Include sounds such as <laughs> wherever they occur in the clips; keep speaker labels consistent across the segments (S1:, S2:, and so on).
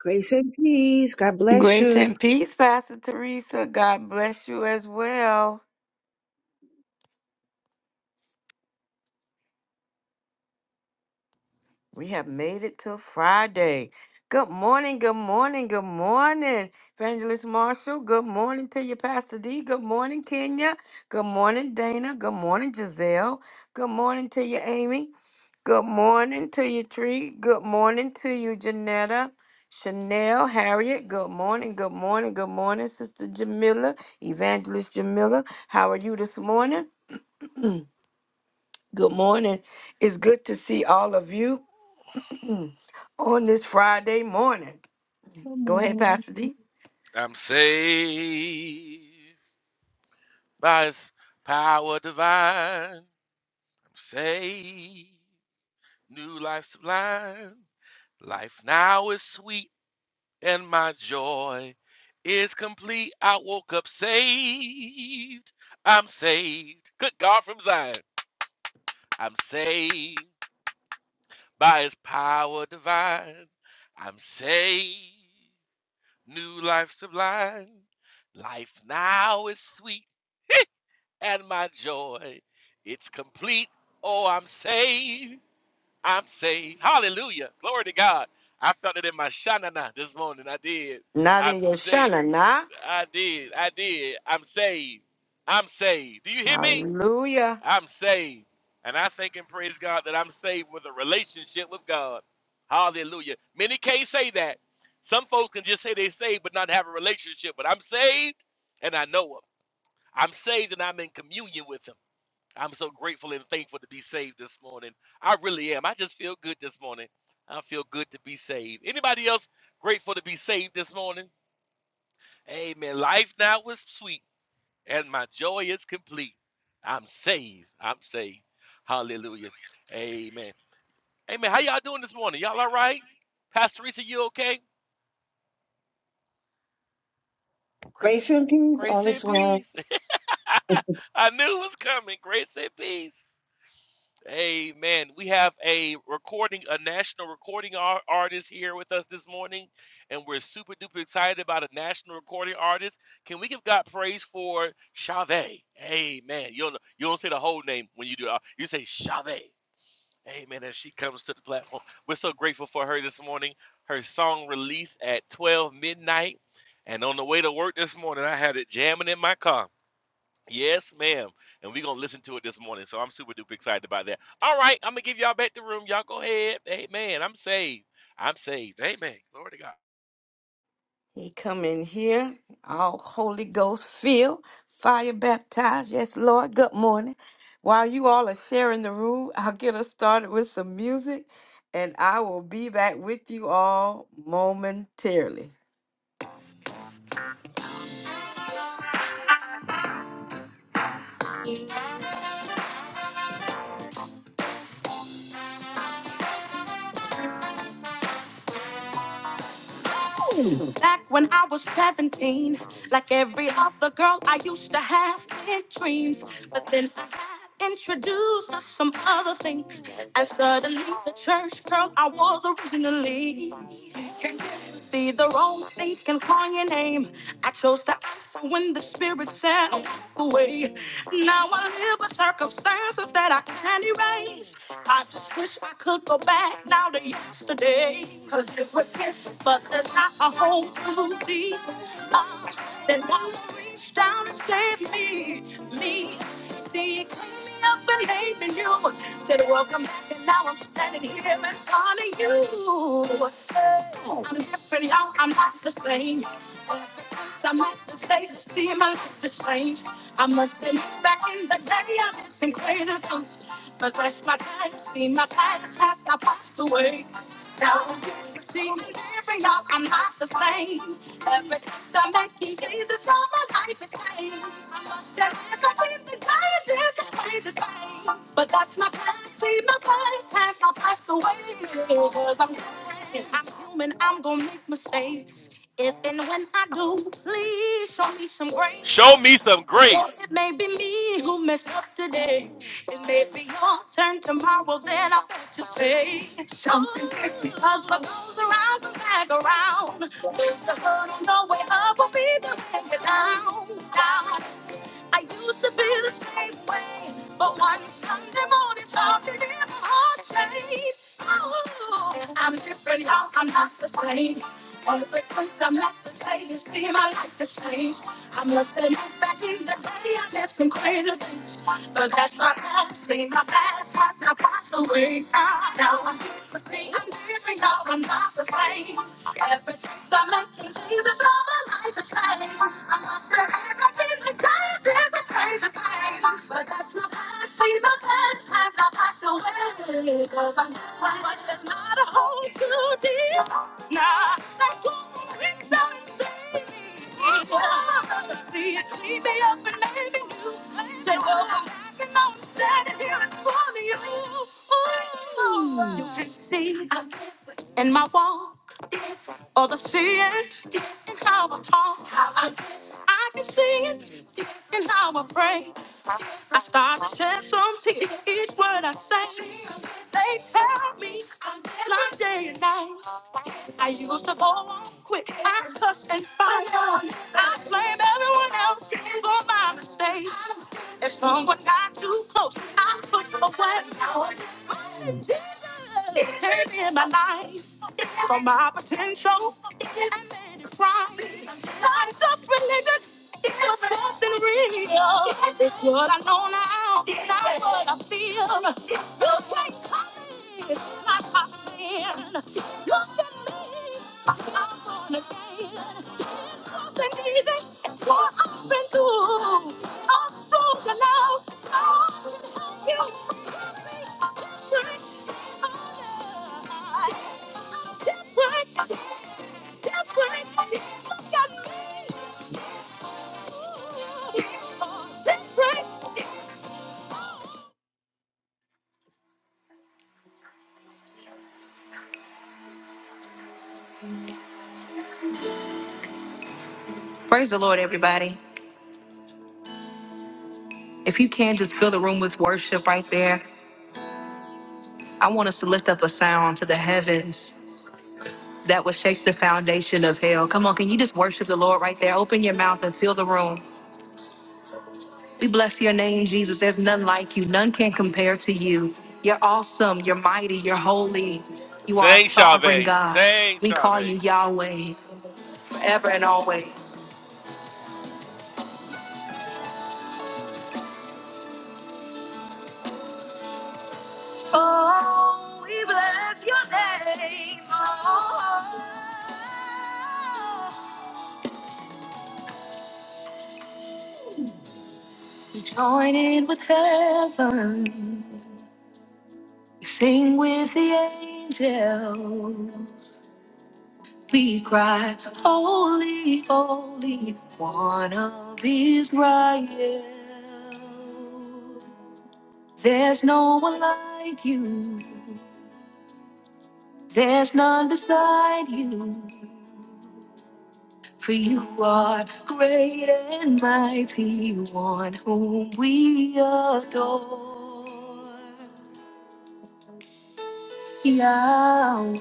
S1: Grace and peace. God bless
S2: Grace
S1: you.
S2: and peace, Pastor Teresa. God bless you as well. We have made it to Friday. Good morning, good morning, good morning, Evangelist Marshall. Good morning to you, Pastor D. Good morning, Kenya. Good morning, Dana. Good morning, Giselle. Good morning to you, Amy. Good morning to you, Tree. Good morning to you, Janetta. Chanel, Harriet, good morning, good morning, good morning, Sister Jamila, Evangelist Jamila. How are you this morning? <clears throat> Good morning. It's good to see all of you <clears throat> on this Friday morning.
S3: Good
S2: Go ahead,
S3: morning.
S2: Pastor D.
S4: I'm saved by his power divine. I'm saved. New life sublime. Life now is sweet and my joy is complete. I woke up saved. I'm saved. Good God from Zion. I'm saved by his power divine. I'm saved. New life sublime. Life now is sweet. Hey! and my joy. It's complete. Oh, I'm saved. I'm saved. Hallelujah. Glory to God. I felt it in my shanana this morning. I did.
S2: Not
S4: I'm
S2: in your
S4: saved.
S2: shana, nah.
S4: I did. I did. I'm saved. I'm saved. Do you hear me?
S2: Hallelujah.
S4: I'm saved. And I thank and praise God that I'm saved with a relationship with God. Hallelujah. Many can't say that. Some folks can just say they saved but not have a relationship. But I'm saved and I know Him. I'm saved and I'm in communion with Him. I'm so grateful and thankful to be saved this morning. I really am. I just feel good this morning. I feel good to be saved. Anybody else grateful to be saved this morning? Amen. Life now is sweet and my joy is complete. I'm saved. I'm saved. Hallelujah. Amen. Amen. How y'all doing this morning? Y'all all right? Pastor Teresa, you okay? Grace
S1: Grace
S4: and,
S1: and peace.
S4: grace
S1: All is
S4: and
S1: well.
S4: peace.
S1: <laughs>
S4: <laughs> I knew it was coming. Grace and peace. Amen. We have a recording, a national recording ar- artist here with us this morning, and we're super duper excited about a national recording artist. Can we give God praise for Chave? Amen. You don't you don't say the whole name when you do it. You say Chave. Amen. As she comes to the platform, we're so grateful for her this morning. Her song released at 12 midnight, and on the way to work this morning, I had it jamming in my car. Yes, ma'am. And we're gonna listen to it this morning. So I'm super duper excited about that. All right, I'm gonna give y'all back the room. Y'all go ahead. Amen. I'm saved. I'm saved. Amen. Glory to God.
S2: He come in here, all Holy Ghost filled, fire baptized. Yes, Lord. Good morning. While you all are sharing the room, I'll get us started with some music, and I will be back with you all momentarily. Back when I was 17, like every other girl, I used to have big dreams. But then I got introduced to some other things. And suddenly, the church girl I was originally. See the wrong things can call your name. I chose to answer when the spirit said I walk away. Now I live with circumstances that I can't erase. I just wish I could go back now to yesterday. Cause it was here, but there's not a hole too deep. Ah, Then God will reach down and save me, me. See, it cleaned me up and made me new. Said, welcome back, and now I'm standing here in front of you. Oh, I'm different, y'all. I'm not the same. Ever since I met the state, it seemed my life has changed. I must admit, back in the day, I did some crazy things. But that's my past, see, my past has now passed away. Now you see, every y'all, I'm not the same. Ever since I met King Jesus, all my life has changed. I must have lived in the diamonds and did some crazy things. But that's my past, see, my past has not passed away. Because I'm human, I'm human, I'm gonna make mistakes. If and when I do, please show me some grace.
S4: Show me some
S2: Well,
S4: grace.
S2: it may be me who messed up today. It may be your turn tomorrow, then I bet you say something. Cause what goes around comes back around. It's the hurt on the way up will be the way you're down. down. I used to be the same way, but one Sunday morning something in my heart changed. Oh, I'm different now, I'm not the same. All the since I'm not the same, it's been my life has changed. I must have looked back in the day, I did some crazy things. But that's my past, see, my past has now passed away. Ah, Now I'm here to see, I'm different now, I'm not the same. Ever since I met you, Jesus, now my life has changed. I must have everything that there's a page of pain, but that's not past. See, my past has not passed away. Cause I'm fine, but it's not a hole too deep. Nah, that glory is not insane. See, it cleaned me up and made me new. Say, well, I'm back and now I'm standing here in front of you. Ooh. You can see in my wall. Oh, the see it in how I talk. I can see it in how I pray. I start to shed some tears each word I say. They tell me I'm blind day and night. I used to go on quick. I cuss and fight. I blame everyone else for my mistakes. If someone got too close, I put away. But Jesus came in my life for my potential and made it right. Not just religion. It was something real. It's what I know now, not what I feel. You can't call me my top man. Look at me. I'm born again. It wasn't easy. What I've been through. I'm strong Now I can help you. I'm different. Different. Look at me. I'm Different. Praise the Lord, everybody. If you can, just fill the room with worship right there. I want us to lift up a sound to the heavens that will shake the foundation of hell. Come on, can you just worship the Lord right there? Open your mouth and fill the room. We bless your name, Jesus. There's none like you, none can compare to you. You're awesome, you're mighty, you're holy. You are a
S4: Sang
S2: sovereign
S4: Chavez.
S2: God.
S4: Sang
S2: We call
S4: Chavez.
S2: you Yahweh forever and always. Oh, we bless your name. Oh, we join in with heaven. We sing with the angels. We cry, Holy, holy, one of Israel. There's no one like you, there's none beside you. For you are great and mighty, one whom we adore. Yahweh,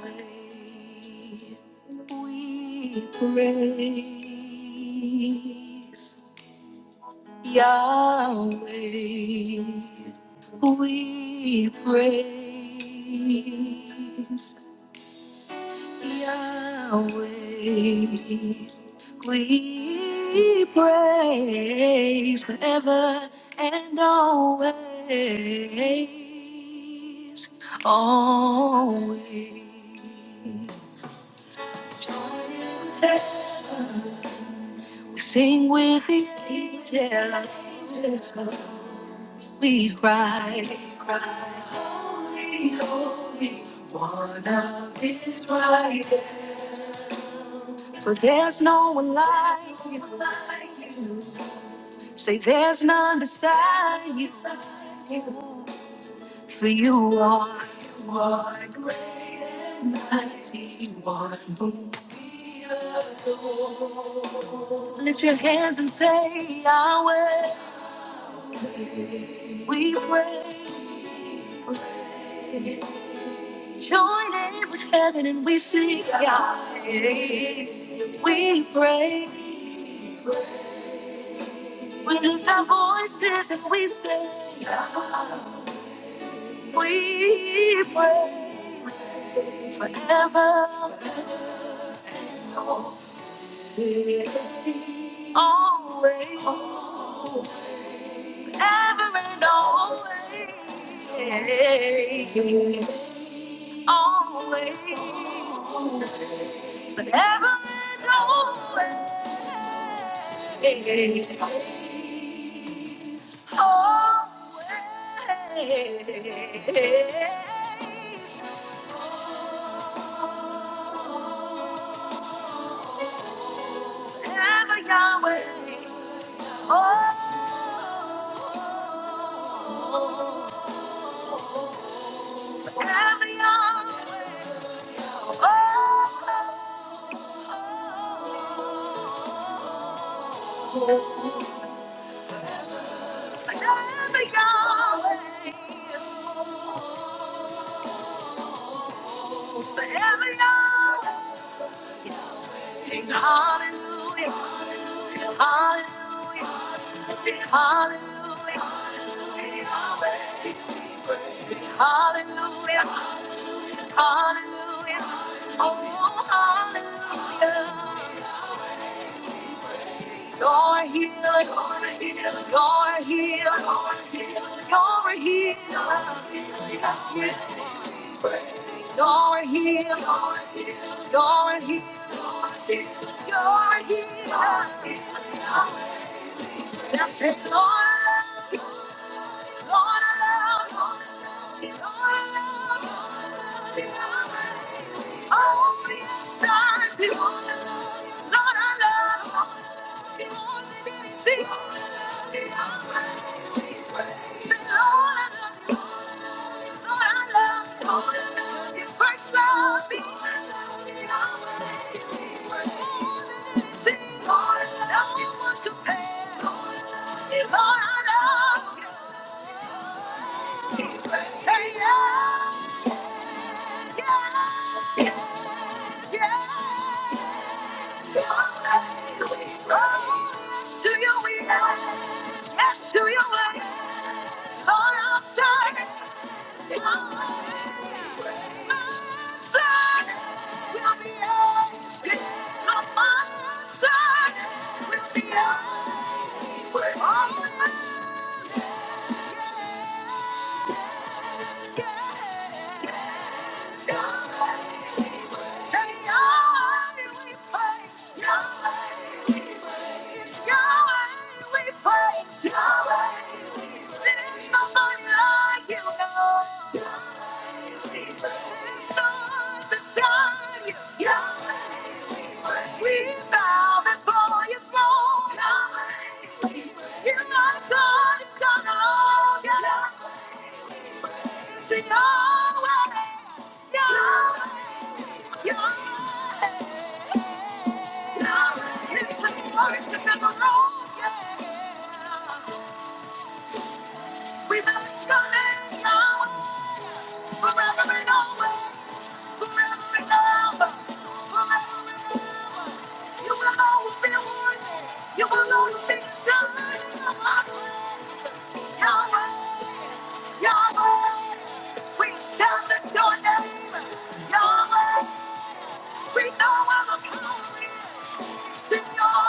S2: we praise. Yahweh, we praise. Yahweh, we praise forever and always. Always. Sing with these angels. We cry, cry, holy, holy, one of Israel. For there's no one like you. Say there's none beside you. For you are, you are great and mighty, one who we adore. Lift your hands and say, Yahweh, we praise. Join in with heaven and we sing Yah. We pray. We lift our voices and we say we pray forever, always, ever and always, always, forever and always. Always. Ever Yahweh. Oh, ever Yahweh. Oh, ever Yahweh. Forever Yahweh. Hallelujah. Hallelujah. Hallelujah, hallelujah, hallelujah, hallelujah. Oh, hallelujah. You're healer, you're healer, you're a healer. Yes, yes. You're a healer, you're a healer, you're a healer. That's it, Lord. First love, Lord, no one compares. Lord, I love you. We'll be out. We're on the We bow before your throne. You're not God, it's God alone. Yahweh, it's Yahweh, Yahweh. Yahweh. We establish your name, Yahweh. We know where the power is. in your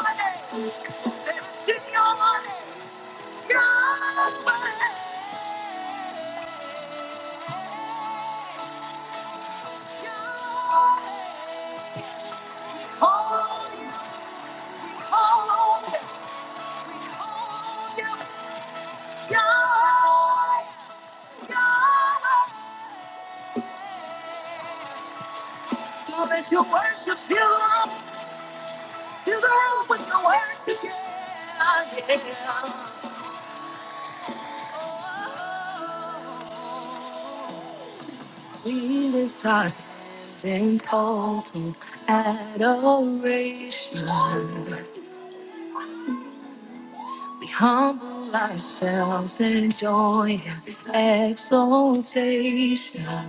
S2: name. It's in your name. That you worship you, love, you love when you worship you. Humble ourselves in joy and exaltation.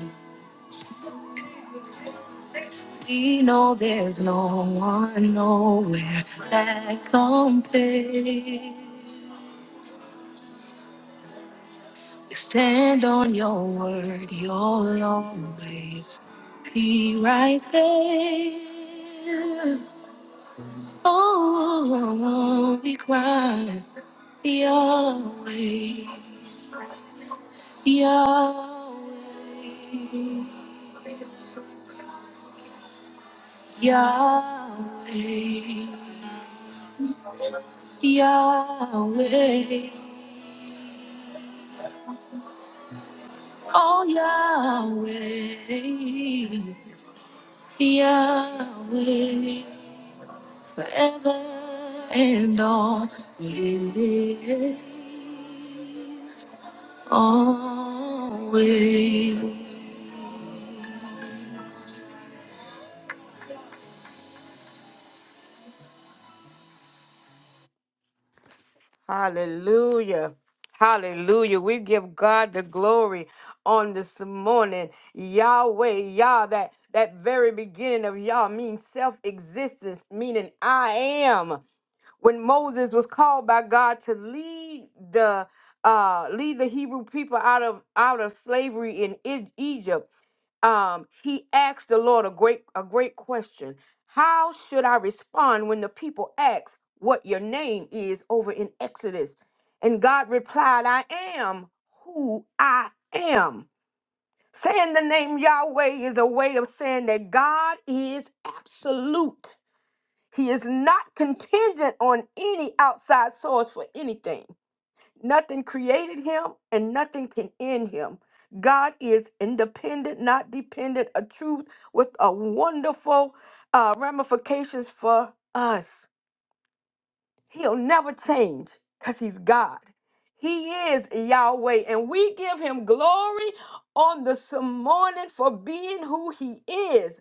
S2: We know there's no one nowhere that compares. Stand on your word, you'll always be right there. Oh, always Yahweh, forever and always. Always. Hallelujah. Hallelujah. We give God the glory on this morning. Yahweh, Yah, that, that very beginning of Yah means self existence, meaning I am. When Moses was called by God to lead the uh, lead the Hebrew people out of out of slavery in E- Egypt, um, he asked the Lord a great a great question. How should I respond when the people ask what your name is over in Exodus? And God replied, I am who I am. Saying the name Yahweh is a way of saying that God is absolute. He is not contingent on any outside source for anything. Nothing created him and nothing can end him. God is independent, not dependent, a truth with a wonderful uh, ramifications for us. He'll never change because he's God. He is Yahweh, and we give him glory on this morning for being who he is.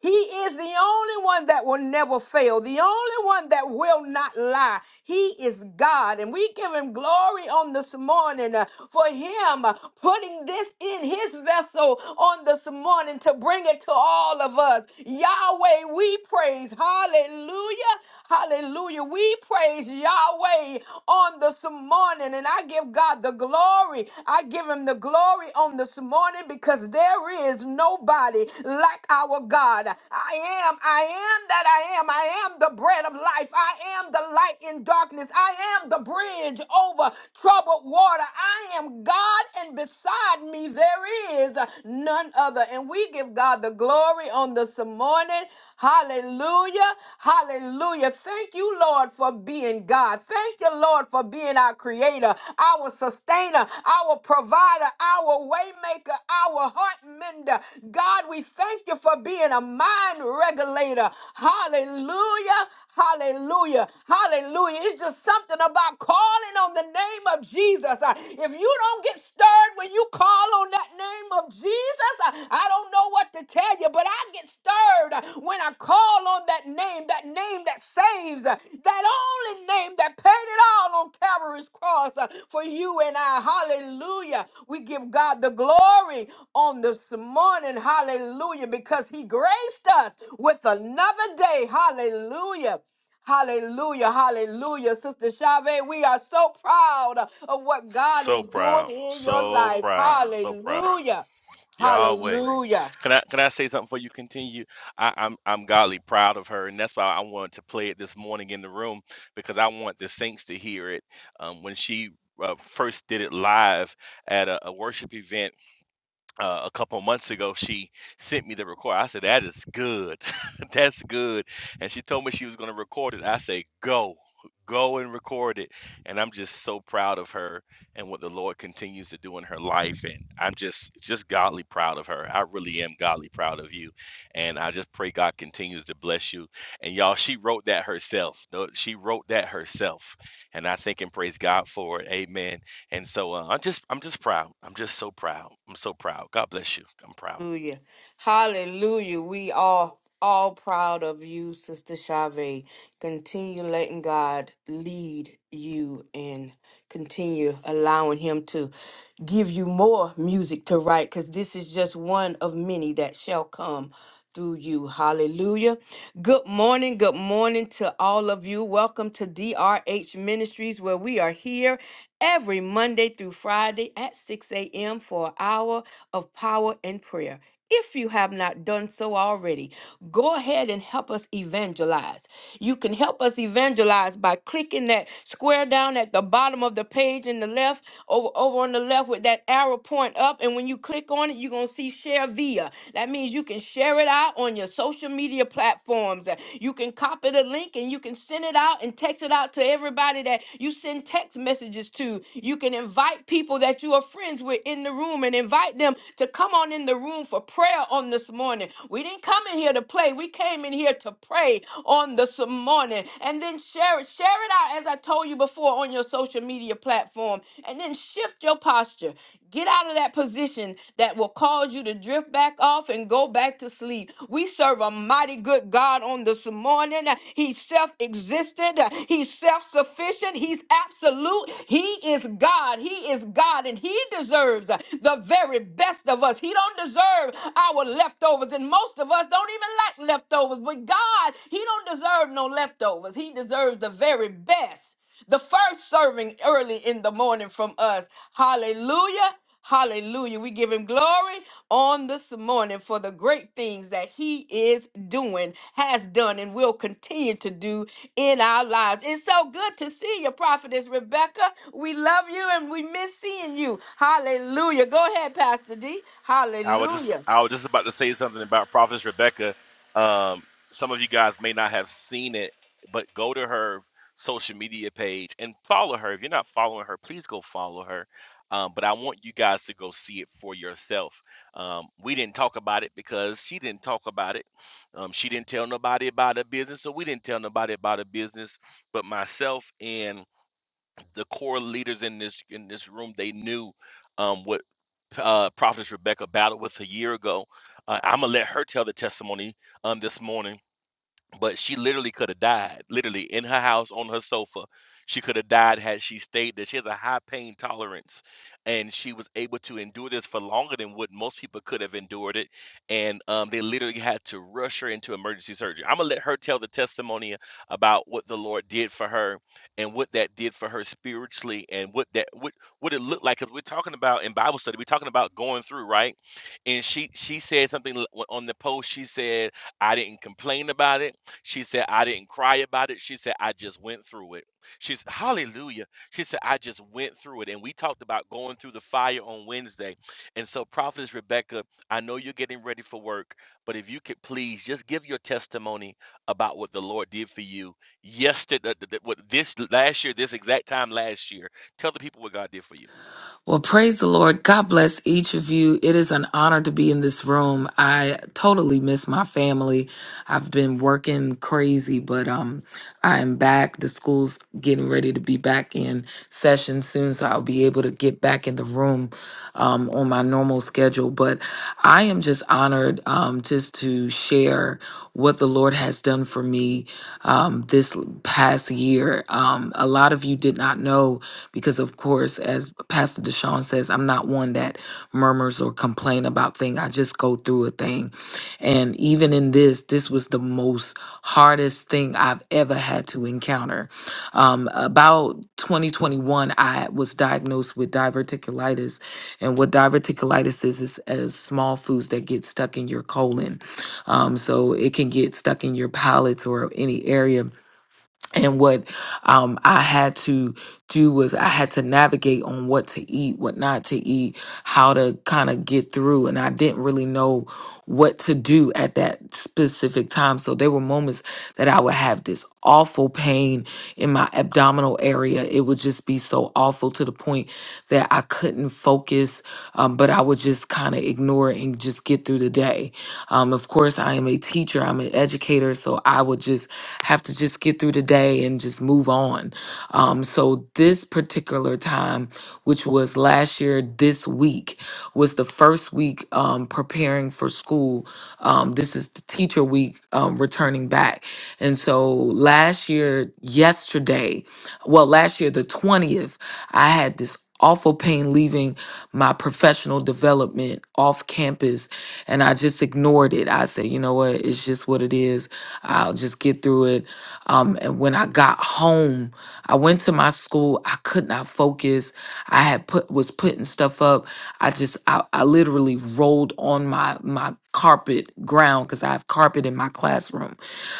S2: He is the only one that will never fail, the only one that will not lie. He is God, and we give him glory on this morning uh, for him uh, putting this in his vessel on this morning to bring it to all of us. Yahweh, we praise. Hallelujah. Hallelujah. We praise Yahweh on this morning, and I give God the God the glory. I give him the glory on this morning because there is nobody like our God. I am, I am that I am. I am the bread of life. I am the light in darkness. I am the bridge over troubled water. I am God, and beside me there is none other. And we give God the glory on this morning. Hallelujah. Hallelujah. Thank you, Lord, for being God. Thank you, Lord, for being our creator, our sustainer, our provider, our waymaker, our heart mender. God, we thank you for being a mind regulator. Hallelujah. Hallelujah. Hallelujah. It's just something about calling on the name of Jesus. Uh, If you don't get stirred when you call on that name of Jesus. I I don't know what to tell you, but I get stirred uh, when I call on that name, that name that saves, uh, that only name that paid it all on Calvary's cross uh, for you and I. Hallelujah. We give God the glory on this morning. Hallelujah. Because he graced us with another day. Hallelujah. Hallelujah, hallelujah. Sister Chavez, we are so proud of what God
S4: So
S2: is doing
S4: proud.
S2: in your
S4: So
S2: life.
S4: proud. So proud.
S2: Hallelujah,
S4: Yahweh.
S2: hallelujah.
S4: Can I can I say something before you continue? I, I'm I'm godly proud of her, and that's why I wanted to play it this morning in the room because I want the saints to hear it um, when she. Uh, first did it live at a, a worship event uh, a couple months ago, she sent me the record. I said, "That is good, <laughs> that's good." And she told me she was going to record it. I say, "Go, go and record it." And I'm just so proud of her and what the Lord continues to do in her life. And I'm just, just godly proud of her. I really am godly proud of you. And I just pray God continues to bless you. And y'all, she wrote that herself. No, She wrote that herself. And I thank and praise God for it. Amen. And so uh, I'm just I'm just proud. I'm just so proud. I'm so proud. God bless you. I'm proud.
S2: Hallelujah. Hallelujah. We are all proud of you, Sister Chavez. Continue letting God lead you and continue allowing Him to give you more music to write because this is just one of many that shall come. through you. Hallelujah. Good morning. Good morning to all of you. Welcome to DRH Ministries, where we are here every Monday through Friday at 6 a.m. for an hour of power and prayer. If you have not done so already, go ahead and help us evangelize. You can help us evangelize by clicking that square down at the bottom of the page in the left, over, over on the left with that arrow pointing point up, and when you click on it, you're gonna see share via. That means you can share it out on your social media platforms. Uh, You can copy the link and you can send it out and text it out to everybody that you send text messages to. You can invite people that you are friends with in the room and invite them to come on in the room for prayer on this morning. We didn't come in here to play, we came in here to pray on this morning. And then share it, share it out as I told you before on your social media platform. And then shift your posture. Get out of that position that will cause you to drift back off and go back to sleep. We serve a mighty good God on this morning. He's self existent, He's self sufficient, He's absolute. He is God. He is God, and He deserves the very best of us. He don't deserve our leftovers, and most of us don't even like leftovers. But God, He don't deserve no leftovers. He deserves the very best the first serving early in the morning from us. Hallelujah. Hallelujah. We give him glory on this morning for the great things that he is doing, has done, and will continue to do in our lives. It's so good to see you, Prophetess Rebecca. We love you and we miss seeing you. Hallelujah. Go ahead, Pastor D.
S4: I was just
S2: Hallelujah.
S4: I was just about to say something about Prophetess Rebecca. Um, some of you guys may not have seen it, but go to her social media page and follow her. If you're not following her, please go follow her. Um, but I want you guys to go see it for yourself. Um, we didn't talk about it because she didn't talk about it. Um, she didn't tell nobody about her business, so we didn't tell nobody about her business. But myself and the core leaders in this in this room they knew um, what uh, prophetess rebecca battled with a year ago uh, i'm gonna let her tell the testimony um, this morning but she literally could have died literally in her house on her sofa she could have died had she stayed there she has a high pain tolerance and she was able to endure this for longer than what most people could have endured it and um, they literally had to rush her into emergency surgery i'm gonna let her tell the testimony about what the lord did for her and what that did for her spiritually and what that what, what it looked like because we're talking about in bible study we're talking about going through right and she she said something l- on the post she said i didn't complain about it she said, I didn't cry about it. She said, I just went through it. She said, Hallelujah. She said, I just went through it. And we talked about going through the fire on Wednesday. And so, Prophetess Rebecca, I know you're getting ready for work, but if you could please just give your testimony about what the Lord did for you yesterday, what this last year, this exact time last year. Tell the people what God did for you.
S5: Well, praise the Lord. God bless each of you. It is an honor to be in this room. I totally miss my family. I've been working crazy, but um I am back. The school's getting ready to be back in session soon, so I'll be able to get back in the room um, on my normal schedule. But I am just honored um, just to share what the Lord has done for me um, this l- past year. Um, a lot of you did not know because, of course, as Pastor Deshaun says, I'm not one that murmurs or complain about out thing. I just go through a thing. And even in this, this was the most hardest thing I've ever had to encounter. Um, about 2021, I was diagnosed with diverticulitis. And what diverticulitis is, is as small foods that get stuck in your colon. Um, so it can get stuck in your palates or any area and what um, I had to do was I had to navigate on what to eat, what not to eat, how to kind of get through. And I didn't really know what to do at that specific time. So there were moments that I would have this awful pain in my abdominal area. It would just be so awful to the point that I couldn't focus, um, but I would just kind of ignore entrepreneur and just get through the day. Um, of course, I am a teacher, I'm an educator, so I would just have to just get through the day and just move on. Um, so this particular time, which was last year, this week was the first week um, preparing for school. Um, this is the teacher week um, returning back. And so last year, yesterday, well last year the 20th i had this awful pain leaving my professional development off campus and i just ignored it i said you know what it's just what it is i'll just get through it um, and when i got home i went to my school i could not focus i had put was putting stuff up i just i, I literally rolled on my my carpet ground because i have carpet in my classroom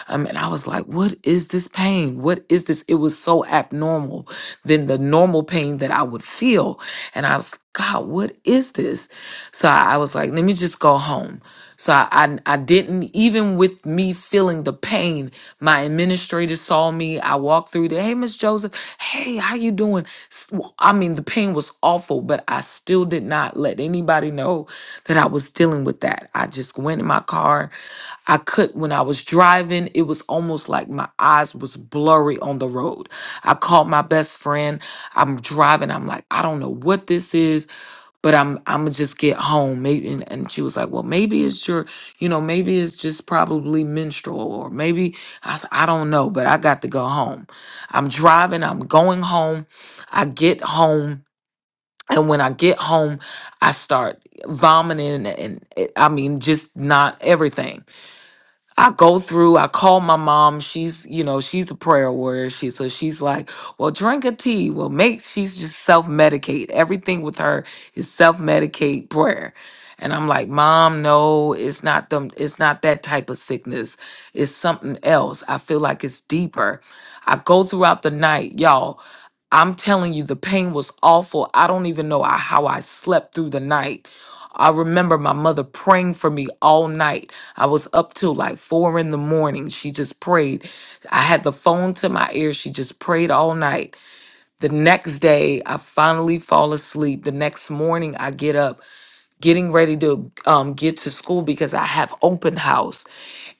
S5: um, and i was like what is this pain what is this it was so so abnormal than the normal pain that I would feel. And I was, like, God, what is this? So I, I was like, let me just go home. So I, I, I didn't, even with me feeling the pain, my administrator saw me. I walked through there. Hey, Miss Joseph. Hey, how you doing? S- well, I mean, the pain was awful, but I still did not let anybody know that I was dealing with that. I just went in my car. I could, when I was driving, it was almost like my eyes was blurry on the road. I called my best friend. I'm driving. I'm like, I don't know what this is, but I'm I'm gonna just get home. Maybe and, and she was like, Well, maybe it's your, you know, maybe it's just probably menstrual, or maybe I s- I don't know, but I got to go home. I'm driving, I'm going home. I get home. And when I get home, I start vomiting and, and it- I mean, just not everything. I go through, I call my mom. She's, you know, she's a prayer warrior. She so she's like, well, drink a tea. Well, make she's just self-medicate. Everything with her is self-medicate prayer. And I'm like, Mom, no, it's not them, it's not that type of sickness. It's something else. I feel like it's deeper. I go throughout the night, y'all. I'm telling you, the pain was awful. I don't even know I- how I slept through the night I remember my mother praying for me all night. I was up till like four in the morning. She just prayed. I had the phone to my ear. She just prayed all night. The next day, I finally fall asleep. The next morning, I get up getting ready to um, get to school because I have open house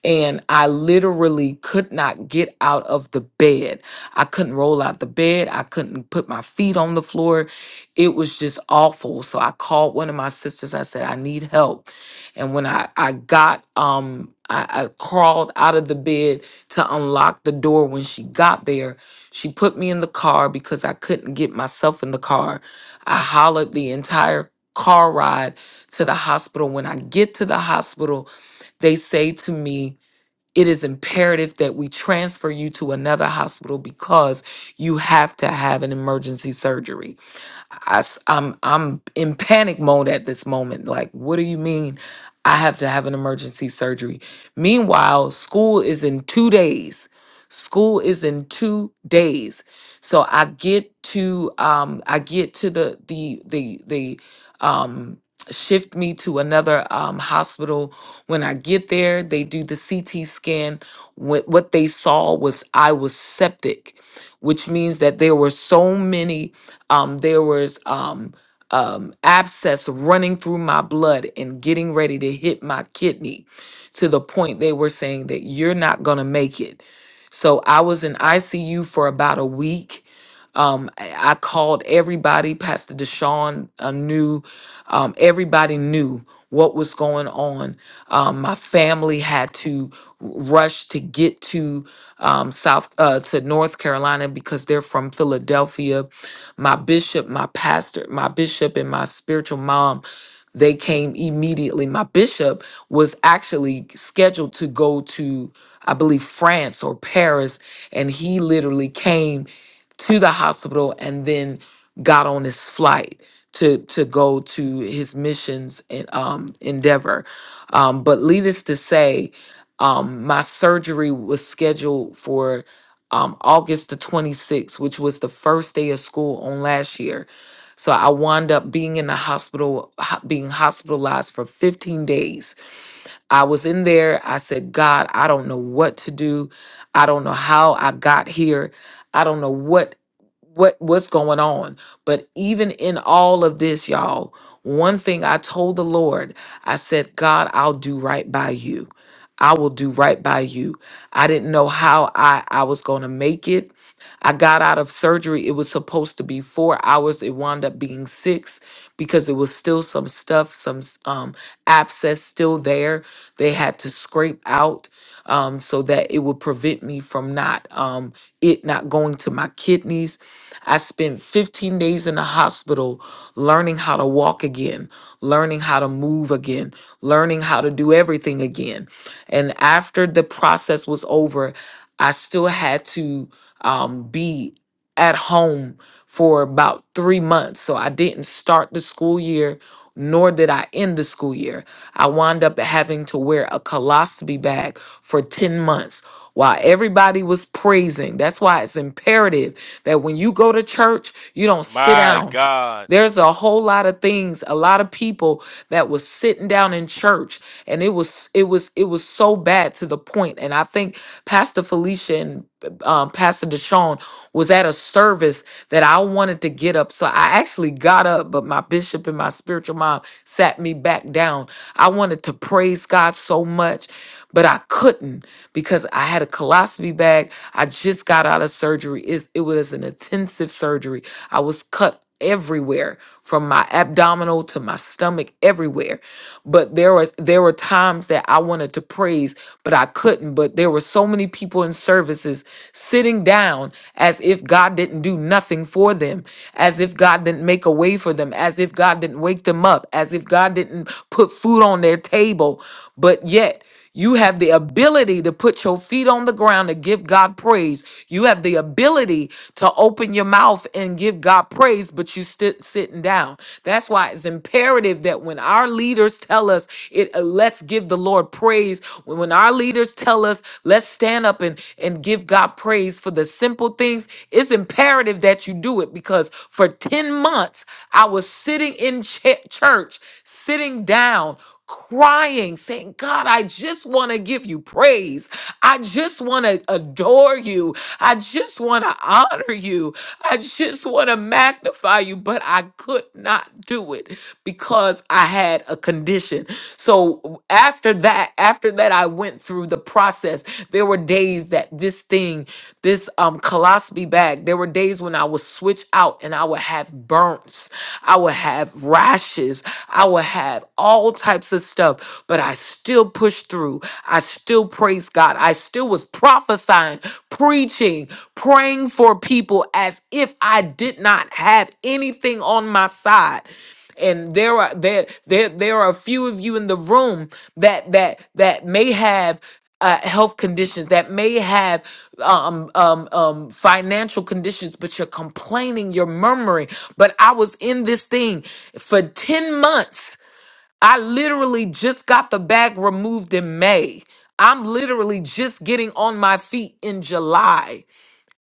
S5: and I literally could not get out of the bed. I couldn't roll out the bed. I couldn't put my feet on the floor. It was just awful. So I called one of my sisters. I said, I need help. And when I, I got, um, I, I crawled out of the bed to unlock the door. When she got there, she put me in the car because I couldn't get myself in the car. I hollered the entire car ride to the hospital. When I get to the hospital, they say to me, it is imperative that we transfer you to another hospital because you have to have an emergency surgery I, am I'm I'm in panic mode at this moment. Like, what do you mean I have to have an emergency surgery? Meanwhile, school is in two days. School is in two days. So I get to um I get to the the the the um shift me to another um hospital. When I get there, they do the CT scan. What what they saw was I was septic which means that there were so many, um, there was um, um, abscess running through my blood and getting ready to hit my kidney to the point they were saying that you're not going to make it. So I was in ICU for about a week um, I I called everybody. Pastor Deshaun uh, knew. Um, everybody knew what was going on. Um, my family had to rush to get to um, South uh, to North Carolina because they're from Philadelphia. My bishop, my pastor, my bishop, and my spiritual mom. They came immediately. My bishop was actually scheduled to go to, I believe, France or Paris, and he literally came to the hospital and then got on his flight to to go to his missions and um endeavor um but needless to say um my surgery was scheduled for um august the 26th which was the first day of school on last year so i wound up being in the hospital ho- being hospitalized for 15 days I was in there. I said, God, I don't know what to do. I don't know how I got here. I don't know what what what's going on. But even in all of this, y'all, one thing I told the Lord, I said, God, I'll do right by you. I will do right by you. I didn't know how I, I was going to make it. I got out of surgery. It was supposed to be four hours. It wound up being six because it was still some stuff, some s- um, abscess still there. They had to scrape out um, so that it would prevent me from not um, it not going to my kidneys. I spent 15 days in the hospital learning how to walk again, learning how to move again, learning how to do everything again. And after the process was over, I still had to um, be at home for about three months. So I didn't start the school year nor did I end the school year. I wound up having to wear a colostomy bag for 10 months while everybody was praising. That's why it's imperative that when you go to church, you don't sit
S4: My
S5: down.
S4: God.
S5: There's a whole lot of things, a lot of people that was sitting down in church and it was it was it was so bad to the point point. and I think Pastor Felicia and um, Pastor Deshaun was at a service that I wanted to get up. So I actually got up, but my bishop and my spiritual mom sat me back down. I wanted to praise God so much but I couldn't because I had a colostomy bag. I just got out of surgery. It's, it was an intensive surgery. I was cut everywhere from my abdominal to my stomach everywhere but there was there were times that I wanted to praise but I couldn't but there were so many people in services sitting down as if God didn't do nothing for them as if God didn't make a way for them as if God didn't wake them up as if God didn't put food on their table but yet you have the ability to put your feet on the ground and give God praise. You have the ability to open your mouth and give God praise, but you sit sitting down. That's why it's imperative that when our leaders tell us it, uh, let's give the Lord praise. When when our leaders tell us let's stand up and and give God praise for the simple things, it's imperative that you do it because for ten months I was sitting in ch- church, sitting down crying, saying, God, I just want to give you praise. I just want to adore you. I just want to honor you. I just want to magnify you, but I could not do it because I had a condition. So after that, after that, I went through the process. There were days that this thing, this um colostomy bag, there were days when I would switch out and I would have burns. I would have rashes. I would have all all types of stuff, but I still pushed through. I still praised God. I still was prophesying, preaching, praying for people as if I did not have anything on my side. And there are there there there are a few of you in the room that that that may have uh, health conditions that may have um, um, um, financial conditions, but you're complaining, you're murmuring. But I was in this thing for 10 months I literally just got the bag removed in May. I'm literally just getting on my feet in July.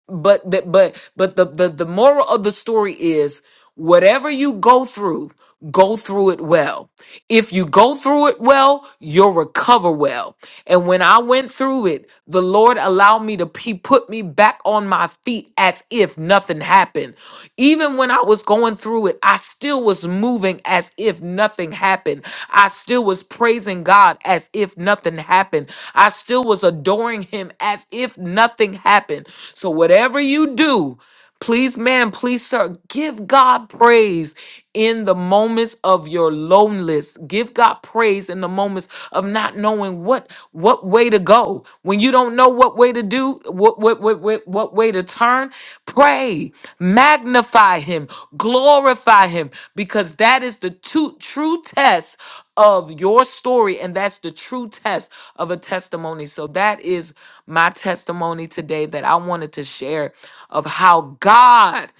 S5: But the, but but the, the the moral of the story is whatever you go through, go through it well. If you go through it well, you'll recover well. And when I went through it, the Lord allowed me to he put me back on my feet as if nothing happened. Even when I was going through it, I still was moving as if nothing happened. I still was praising God as if nothing happened. I still was adoring Him as if nothing happened. So, whatever you do, please, man, please, sir, give God praise in the moments of your loneliness. Give God praise in the moments of not knowing what what way to go go, when you don't know what way to do, what what what what, what way to turn, pray, magnify him, glorify him because that is the two, true test of your story and that's the true test of a testimony. So that is my testimony today that I wanted to share of how God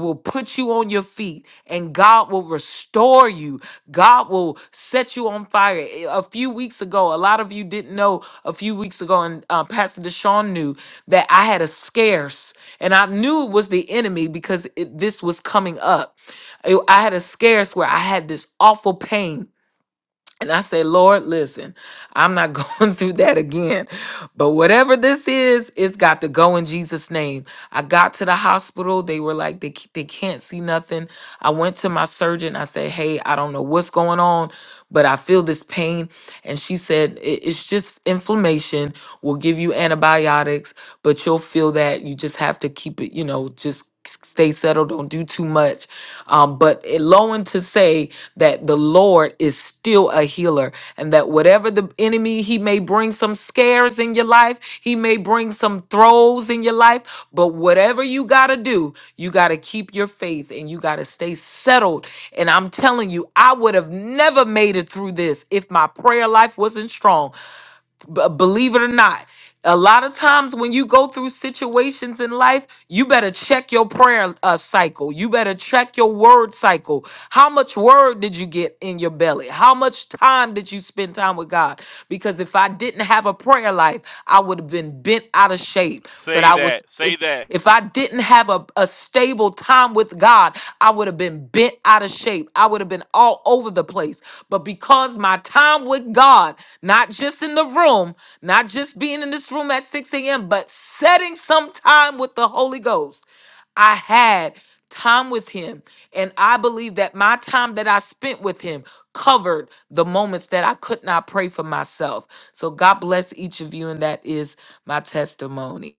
S5: will put you on your feet and God will restore you. God will set you on fire. Eh, A few weeks ago, a lot of you didn't know a few weeks ago, and uh, Pastor Deshaun knew that I had a scarce, and I knew it was the enemy because it, this was coming up. Eh, I had a scarce where I had this awful pain and I say, Lord, listen, I'm not <laughs> going through that again. But whatever this is, it's got to go in Jesus' name. I got to the hospital. They were like, they, c- they can't see nothing. I went to my surgeon. I said, hey, I don't know what's going on, but I feel this pain. And she said, "I- it's just inflammation. We'll give you antibiotics, but you'll feel that. You just have to keep it, you know, just stay settled, don't do too much. Um, but it lowing to say that the Lord is still a healer and that whatever the enemy, he may bring some scares in your life, he may bring some throws in your life, but whatever you got to do, you got to keep your faith and you got to stay settled. And I'm telling you, I would have never made it through this if my prayer life wasn't strong B- believe it or not, a lot of times when you go through situations in life, you better check your prayer uh, cycle. You better check your word cycle. How much word did you get in your belly? How much time did you spend time with God? Because if I didn't have a prayer life, I would have been bent out of shape. But
S4: Say
S5: I was
S4: that.
S5: if
S4: Say that.
S5: if I didn't have a, a stable time with God, I would have been bent out of shape. I would have been all over the place. But because my time with God, not just in the room, not just being in this room at 6 a.m., but setting some time with the Holy Ghost, I had time with him. And I believe that my time that I spent with him covered the moments that I could not pray for myself. So God bless each of you. And that is my testimony.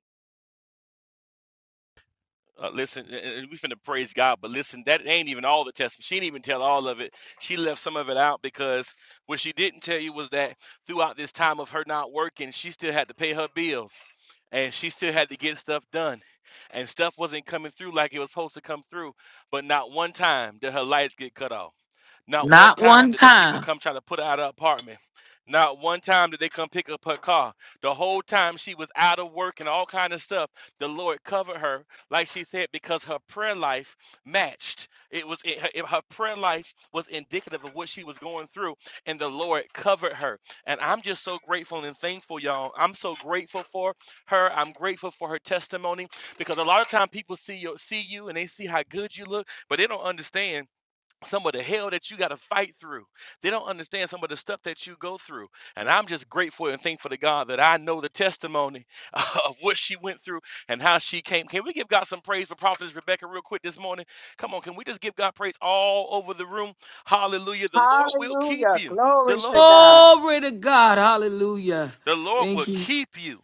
S4: Uh, listen, and we finna praise God, but listen, that ain't even all the testimony. She didn't even tell all of it. She left some of it out because what she didn't tell you was that throughout this time of her not working, she still had to pay her bills and she still had to get stuff done. And stuff wasn't coming through like it was supposed to come through. But not one time did her lights get cut off. Not one
S5: Not one
S4: time did them people
S5: time.
S4: come try to put her out of her apartment. Not one time did they come pick up her car. The whole time she was out of work and all kind of stuff, the Lord covered her, like she said, because her prayer life matched. It was it, her, it- her prayer life was indicative of what she was going through, and the Lord covered her. And I'm just so grateful and thankful, y'all. I'm so grateful for her. I'm grateful for her testimony because a lot of time people see you see you and they see how good you look, but they don't understand some of the hell that you got to fight through. They don't understand some of the stuff that you go through. And I'm just grateful and thankful to God that I know the testimony <laughs> of what she went through and how she came. Can we give God some praise for Prophetess Rebecca real quick this morning? Come on, can we just give God praise all over the room? Hallelujah. The Lord will keep
S1: Hallelujah.
S4: you. The
S1: Glory
S4: Lord,
S1: to God.
S5: Glory to God. Hallelujah.
S4: the Lord will
S5: Thank you.
S4: keep you.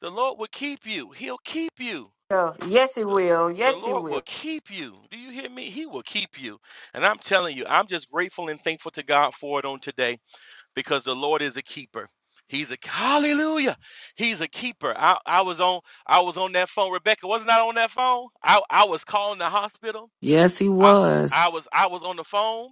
S4: The Lord will keep you. He'll keep you.
S2: Yes, he
S4: The,
S2: will.
S4: the
S2: Yes, he
S4: Lord
S2: will.
S4: will keep you. Do you hear me? He will keep you. And I'm telling you, I'm just grateful and thankful to God for it on today. because the Lord is a keeper. He's a hallelujah. He's a keeper. I, I was on I was on that phone. Rebecca wasn't I on that phone? I, I was calling the hospital.
S5: Yes, he
S4: I
S5: was.
S4: I was I was on the phone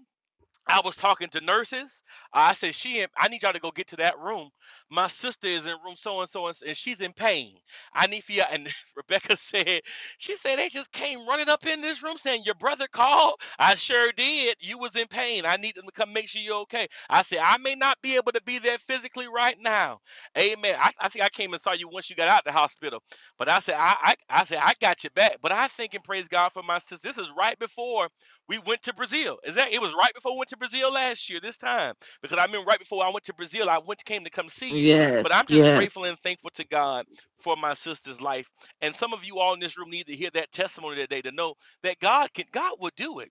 S4: I was talking to nurses. I said, "She, in- I need y'all to go get to that room. My sister is in room so and so, and and she's in pain. I need for you." And <laughs> Rebecca said, "She said they just came running up in this room saying your brother called. I sure did. You was in pain. I need them to come make sure you're okay." I said, "I may not be able to be there physically right now. Amen. I, I think I came and saw you once you got out the hospital, but I said, I, I, I said I got you back. But I think and praise God for my sister. This is right before." We went to Brazil. Is that it was right before we went to Brazil last year, this time. Because I remember right before I went to Brazil, I went came to come see you. But
S5: Yes,
S4: I'm just grateful
S5: yes.
S4: and thankful to God for my sister's life. And some of you all in this room need to hear that testimony today to know that God can God will do it.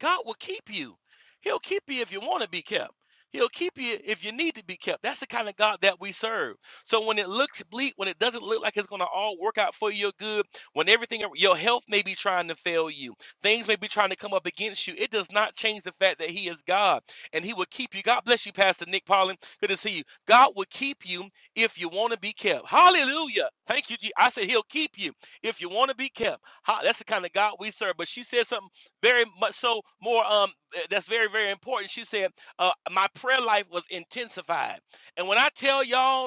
S4: God will keep you. He'll keep you if you want to be kept. He'll keep you if you need to be kept. That's the kind of God that we serve. So when it looks bleak, when it doesn't look like it's going to all work out for your good, when everything, your health may be trying to fail you, things may be trying to come up against you, it does not change the fact that He is God and He will keep you. God bless you, Pastor Nick Paulin. Good to see you. God will keep you if you want to be kept. Hallelujah. Thank you. Je- I said He'll keep you if you want to be kept. Ha- That's the kind of God we serve. But she said something very much so more um uh, that's very very important she said uh, my prayer life was intensified and when i tell y'all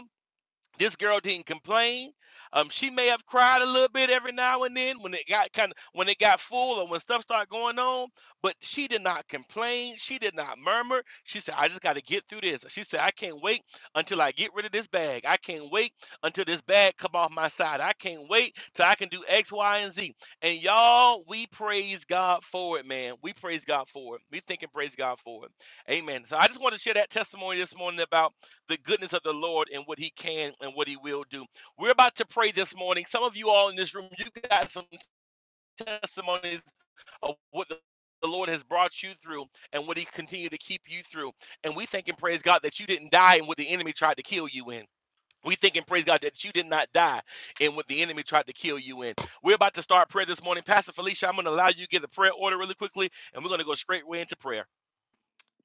S4: this girl didn't complain. Um, she may have cried a little bit every now and then when it got kind of when it got full or when stuff started going on, but she did not complain. She did not murmur. She said, "I just got to get through this." She said, "I can't wait until I get rid of this bag. I can't wait until this bag come off my side. I can't wait till I can do X, Y, and Z." And y'all, we praise God for it, man. We praise God for it. We think and praise God for it. Amen. So I just want to share that testimony this morning about the goodness of the Lord and what He can and what He will do. We're about to pray this morning. Some of you all in this room, you got some testimonies of what the the Lord has brought you through and what He continued to keep you through. And we thank and praise God that you didn't die in what the enemy tried to kill you in. We thank and praise God that you did not die in what the enemy tried to kill you in. We're about to start prayer this morning. Pastor Felicia, I'm going to allow you to get the prayer order really quickly, and we're going to go straight way into prayer.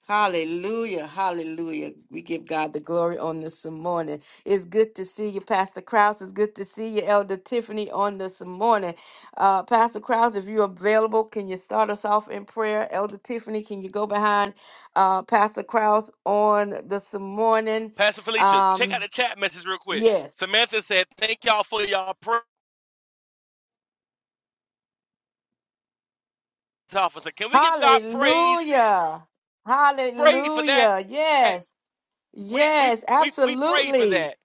S2: Hallelujah. Hallelujah. We give God the glory on this morning. It's good to see you, Pastor Krause. It's good to see you, Elder Tiffany, on this morning. Uh, Pastor Krause, if you're available, can you start us off in prayer? Elder Tiffany, can you go behind uh, Pastor Krause on this morning?
S4: Pastor Felicia, check out
S2: Um,
S4: the chat message real quick.
S2: yes.
S4: Samantha said, Thank y'all for y'all prayer. officer. Can we give God praise?
S2: Hallelujah.
S4: Pray for that.
S2: Hallelujah. Yes.
S4: We we
S2: Yes.
S4: we we pray for
S2: Absolutely.
S4: that.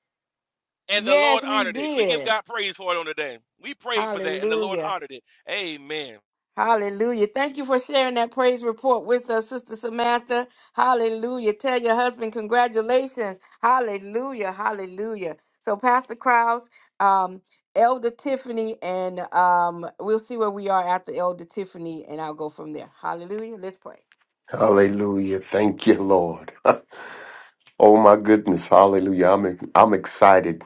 S4: And the Lord
S2: Yes, we
S4: honored it. We give
S2: did.
S4: God praise for it on the day. We prayed for that and the Lord
S2: Hallelujah.
S4: honored it. Amen.
S2: Hallelujah. Thank you for sharing that praise report with us, Sister Samantha. Hallelujah. Tell your husband congratulations. Hallelujah. Hallelujah. So, Pastor Krause, um, Elder Tiffany, and um, we'll see where we are after Elder Tiffany, and I'll go from there. Hallelujah. Let's pray.
S6: Hallelujah. Thank you, Lord. <laughs> oh my goodness. Hallelujah. I'm I'm excited.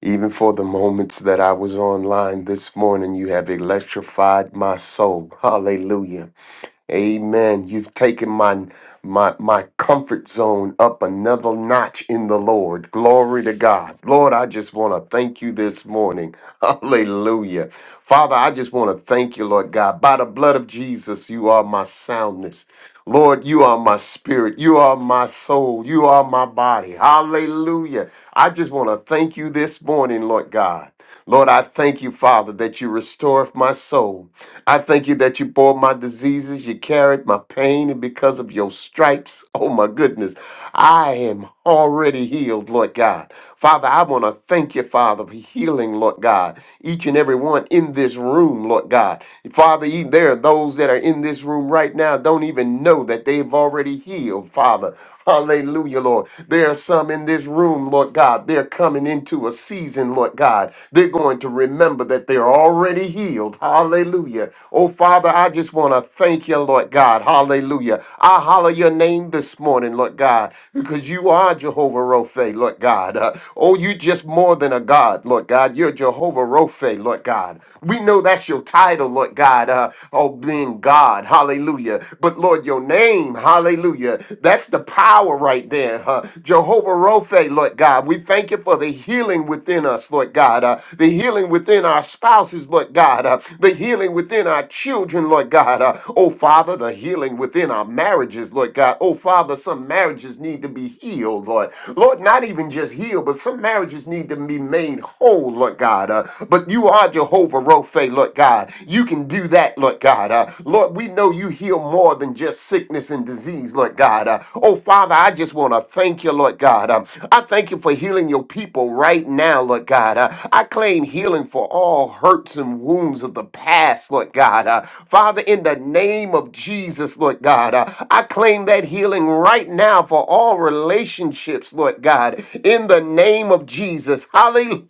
S6: Even for the moments that I was online this morning, you have electrified my soul. Hallelujah. Amen. You've taken my my my comfort zone up another notch in the Lord. Glory to God. Lord, I just want to thank you this morning. <laughs> Hallelujah. Father, I just want to thank you, Lord God. By the blood of Jesus, you are my soundness. Lord, you are my spirit. You are my soul. You are my body. Hallelujah. I just want to thank you this morning, Lord God. Lord, I thank you, Father, that you restore my soul. I thank you that you bore my diseases, you carried my pain, and because of your stripes, <laughs> oh my goodness, I am already healed, Lord God. Father, I want to thank you, Father, for healing, Lord God, each and every one in this room, Lord God. Father, e- there are those that are in this room right now don't even know that they've already healed, Father. Hallelujah, Lord. There are some in this room, Lord God. They're coming into a season, Lord God. They're going to remember that they're already healed. Hallelujah. Oh, Father, I just want to thank you, Lord God. Hallelujah. I holler your name this morning, Lord God, because you are Jehovah Rophe, Lord God. Uh, oh, you just more than a God, Lord God. You're Jehovah Rophe, Lord God. We know that's your title, Lord God. Uh, oh, being God. Hallelujah hallelujah. But Lord, your name, hallelujah, that's the power right there, huh? Jehovah Rophe, Lord God, we thank you for the healing within us, Lord God, uh, the healing within our spouses, Lord God, uh, the healing within our children, Lord God, uh, oh Father, the healing within our marriages, Lord God, oh Father, some marriages need to be healed, Lord. Lord, not even just healed, but some marriages need to be made whole, Lord God, uh, but you are Jehovah Rophe, Lord. Lord God. You can do that, Lord God. Uh, Lord, we know you heal more than just sickness and disease, Lord God. Uh, oh, Father, I just want to thank you, Lord God. Um, I thank you for healing your people right now, Lord God. Uh, I claim healing for all hurts and wounds of the past, Lord God. Uh, Father, in the name of Jesus, Lord God, uh, I claim that healing right now for all relationships, Lord God, in the name of Jesus. Hallelujah.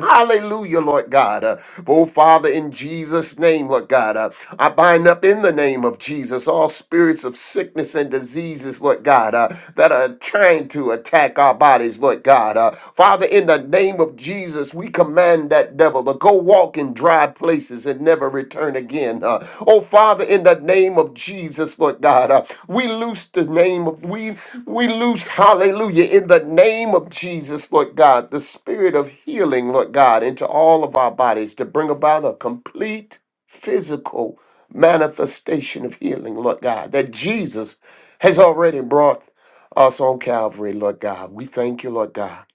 S6: Hallelujah, Lord God. Uh, oh, Father, in Jesus' name, Lord God, uh, I bind up in the name of Jesus all spirits of sickness and diseases, Lord God, uh, that are trying to attack our bodies, Lord God. Uh, Father, in the name of Jesus, we command that devil to go walk walk in dry places and never return again. Uh, oh, Father, in the name of Jesus, Lord God, uh, we loose the name of, we, we loose, hallelujah, in the name of Jesus, Lord God, the spirit of healing, Lord God, into all of our bodies to bring about a complete physical manifestation of healing, Lord God, that Jesus has already brought us on Calvary, Lord God. We thank you, Lord God.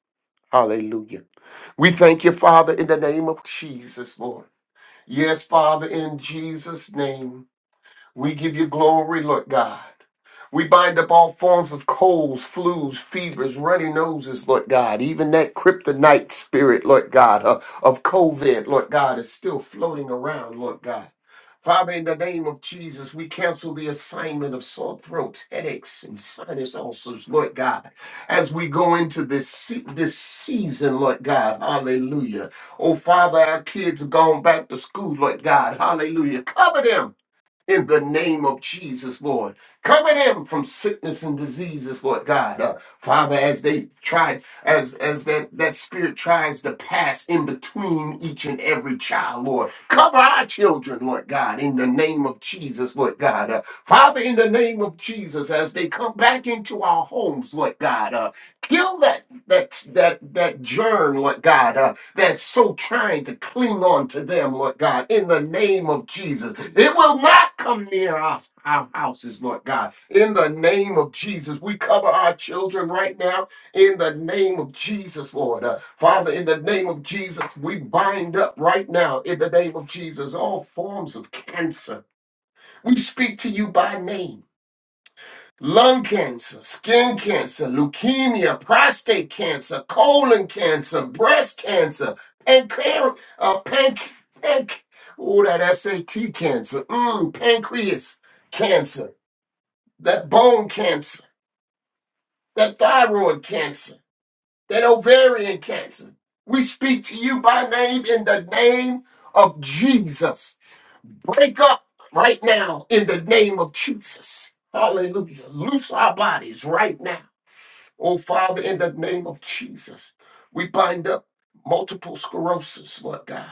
S6: Hallelujah. We thank you, Father, in the name of Jesus, Lord. Yes, Father, in Jesus' name. We give you glory, Lord God. We bind up all forms of colds, flus, fevers, runny noses, Lord God. Even that kryptonite spirit, Lord God, uh, of COVID, Lord God, is still floating around, Lord God. Father, in the name of Jesus, we cancel the assignment of sore throats, headaches, and sinus ulcers, Lord God, as we go into this se- this season, Lord God. Hallelujah. Oh, Father, our kids have gone back to school, Lord God. Hallelujah. Cover them in the name of Jesus, Lord. Cover them from sickness and diseases, Lord God. Uh, Father, as they try, as as that, that spirit tries to pass in between each and every child, Lord. Cover our children, Lord God, in the name of Jesus, Lord God. Uh, Father, in the name of Jesus, as they come back into our homes, Lord God, uh, kill that that that that germ, Lord God. uh, that's so trying to cling on to them, Lord God, in the name of Jesus. It will not come near us, our houses, Lord God. In the name of Jesus, we cover our children right now. In the name of Jesus, Lord. Uh, Father, in the name of Jesus, we bind up right now, in the name of Jesus, all forms of cancer. We speak to you by name lung cancer, skin cancer, leukemia, prostate cancer, colon cancer, breast cancer, pancreas, uh, panc, panc, oh, that SAT cancer, mm, pancreas cancer, that bone cancer, that thyroid cancer, that ovarian cancer. We speak to you by name in the name of Jesus. Break up right now in the name of Jesus. Hallelujah. Loose our bodies right now Oh, Father, in the name of Jesus, we bind up multiple sclerosis, Lord God.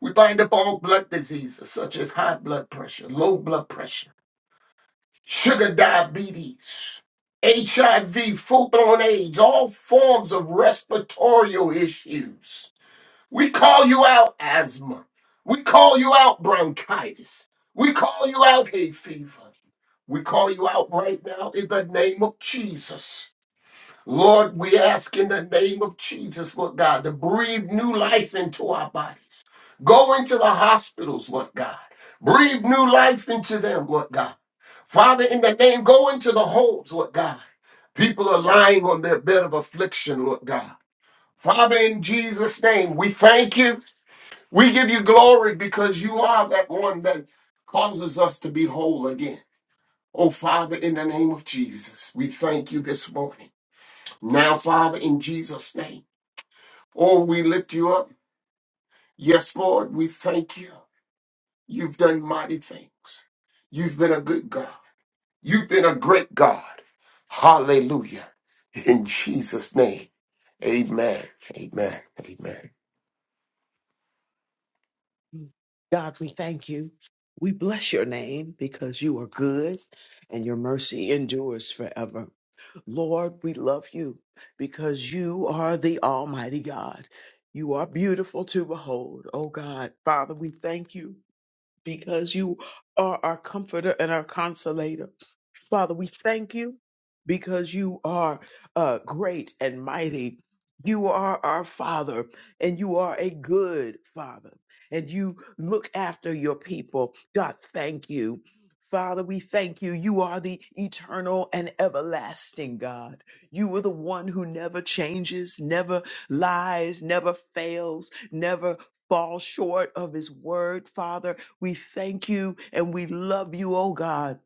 S6: We bind up all blood diseases such as high blood pressure, low blood pressure, sugar diabetes, HIV, full blown AIDS, all forms of respiratory issues. We call you out asthma. We call you out bronchitis. We call you out hay fever. We call you out right now in the name of Jesus. Lord, we ask in the name of Jesus, Lord God, to breathe new life into our bodies. Go into the hospitals, Lord God. Breathe new life into them, Lord God. Father, in the name, go into the homes, Lord God. People are lying on their bed of affliction, Lord God. Father, in Jesus' name, we thank you. We give you glory because you are that one that causes us to be whole again. Oh, Father, in the name of Jesus, we thank you this morning. Now, Father, in Jesus' name, oh, we lift you up. Yes, Lord, we thank you. You've done mighty things. You've been a good God. You've been a great God. Hallelujah. In Jesus' name, amen. Amen. Amen.
S7: God, we thank you. We bless your name because you are good and your mercy endures forever. Lord, we love you because you are the Almighty God. You are beautiful to behold, oh God. Father, we thank you because you are our comforter and our consolator. Father, we thank you because you are uh, great and mighty. You are our Father, and you are a good Father, and you look after your people. God, thank you. Father, we thank you. You are the eternal and everlasting God. You are the one who never changes, never lies, never fails, never falls short of his word, Father we thank you and we love you, oh God.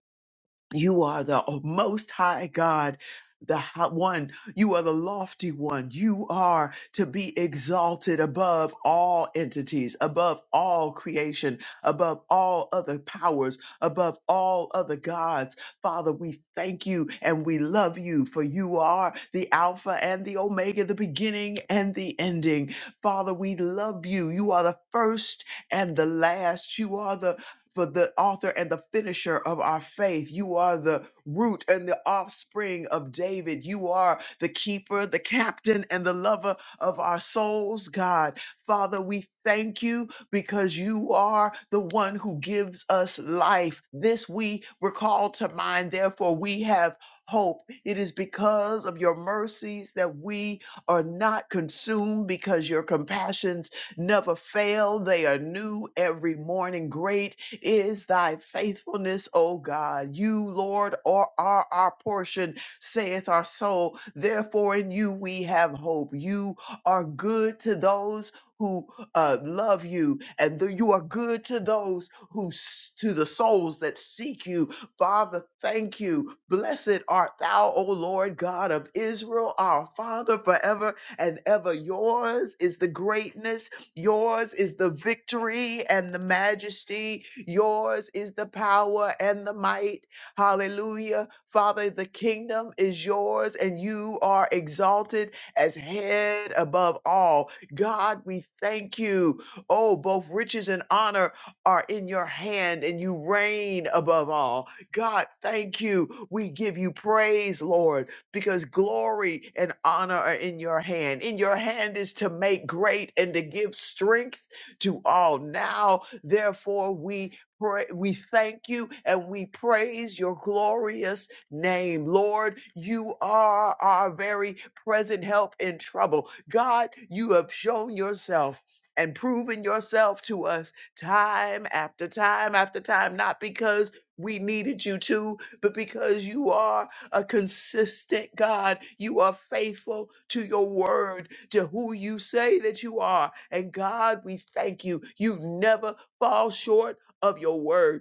S7: You are the most high God, the hi- one. You are the lofty one. You are to be exalted above all entities, above all creation, above all other powers, above all other gods. Father, we thank you and we love you, for you are the Alpha and the Omega, the beginning and the ending. Father, we love you. You are the first and the last. You are the for the author and the finisher of our faith. You are the root and the offspring of David. You are the keeper, the captain, and the lover of our souls, God. Father, we thank you because you are the one who gives us life. This we recall to mind. Therefore, we have hope. It is because of your mercies that we are not consumed because your compassions never fail. They are new every morning. Great is thy faithfulness, O God. You, Lord, are, are our portion, saith our soul. Therefore, in you we have hope. You are good to those who uh, love you, and th- you are good to those who, s- to the souls that seek you. Father, thank you. Blessed art thou, O Lord God of Israel, our Father, forever and ever. Yours is the greatness Yours is the victory and the majesty. Yours is the power and the might. Hallelujah. Father, the kingdom is yours and you are exalted as head above all. God, we thank you. Oh, both riches and honor are in your hand and you reign above all. God, thank you. We give you praise, Lord because glory and honor are in your hand. In your hand is to make great and to give strength to all. Now, therefore, we pray, we thank you and we praise your glorious name. Lord, you are our very present help in trouble. God, you have shown yourself and proven yourself to us time after time after time, not because we needed you to, but because you are a consistent God. You are faithful to your word, to who you say that you are. And God, we thank you. You never fall short of your word.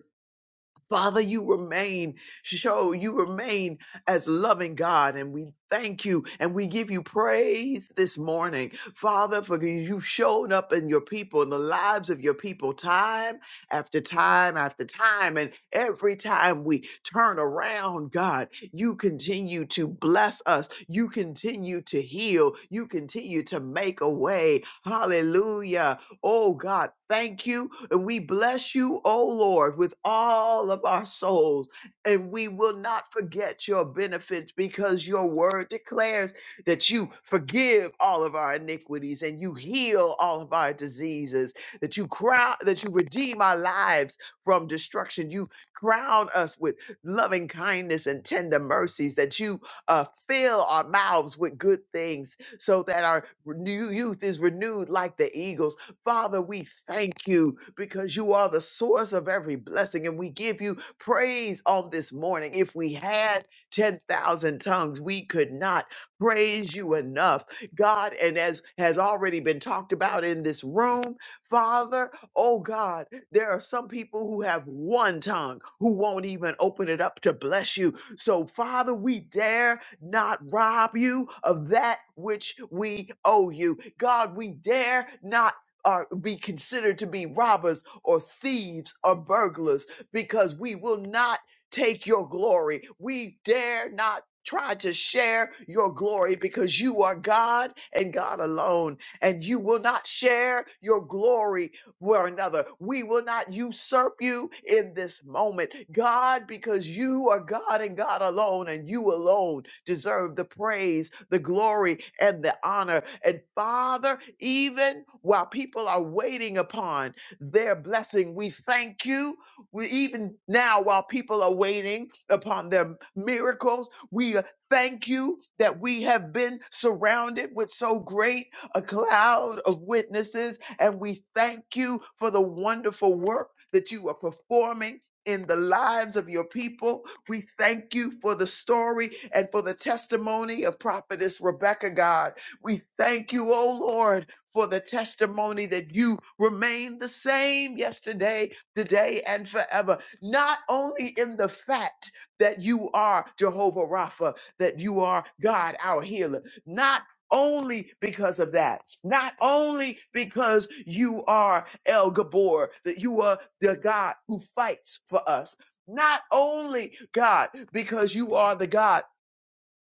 S7: Father, you remain, show you remain as loving God, and we thank you and we give you praise this morning, Father, for you've shown up in your people, in the lives of your people, time after time after time. And every time we turn around, God, you continue to bless us, you continue to heal, you continue to make a way. Hallelujah. Oh God, thank you. And we bless you, oh Lord, with all of our souls. And we will not forget your benefits because your word declares that you forgive all of our iniquities and you heal all of our diseases, that you crown, that you redeem our lives from destruction. You crown us with loving kindness and tender mercies, that you uh, fill our mouths with good things so that our new youth is renewed like the eagles Father, we thank you because you are the source of every blessing, and we give you praise on this morning. If we had 10,000 tongues, we could not praise you enough, God. And as has already been talked about in this room, Father, oh God, there are some people who have one tongue who won't even open it up to bless you. So, Father, we dare not rob you of that which we owe you. God, we dare not are be considered to be robbers or thieves or burglars because we will not take your glory. We dare not try to share your glory because you are God and God alone and you will not share your glory were another. We will not usurp you in this moment, God, because you are God and God alone, and you alone deserve the praise, the glory, and the honor. And Father, even while people are waiting upon their blessing, we thank you. We even now, while people are waiting upon their miracles, we uh, thank you that we have been surrounded with so great a cloud of witnesses. And we thank you for the wonderful work that you are performing in the lives of your people. We thank you for the story and for the testimony of prophetess Rebecca God. We thank you, oh Lord, for the testimony that you remain the same yesterday, today, and forever. Not only in the fact that you are Jehovah Rapha, that you are God, our healer, not only because of that. Not only because you are El Gabor, that you are the God who fights for us. Not only God, because you are the God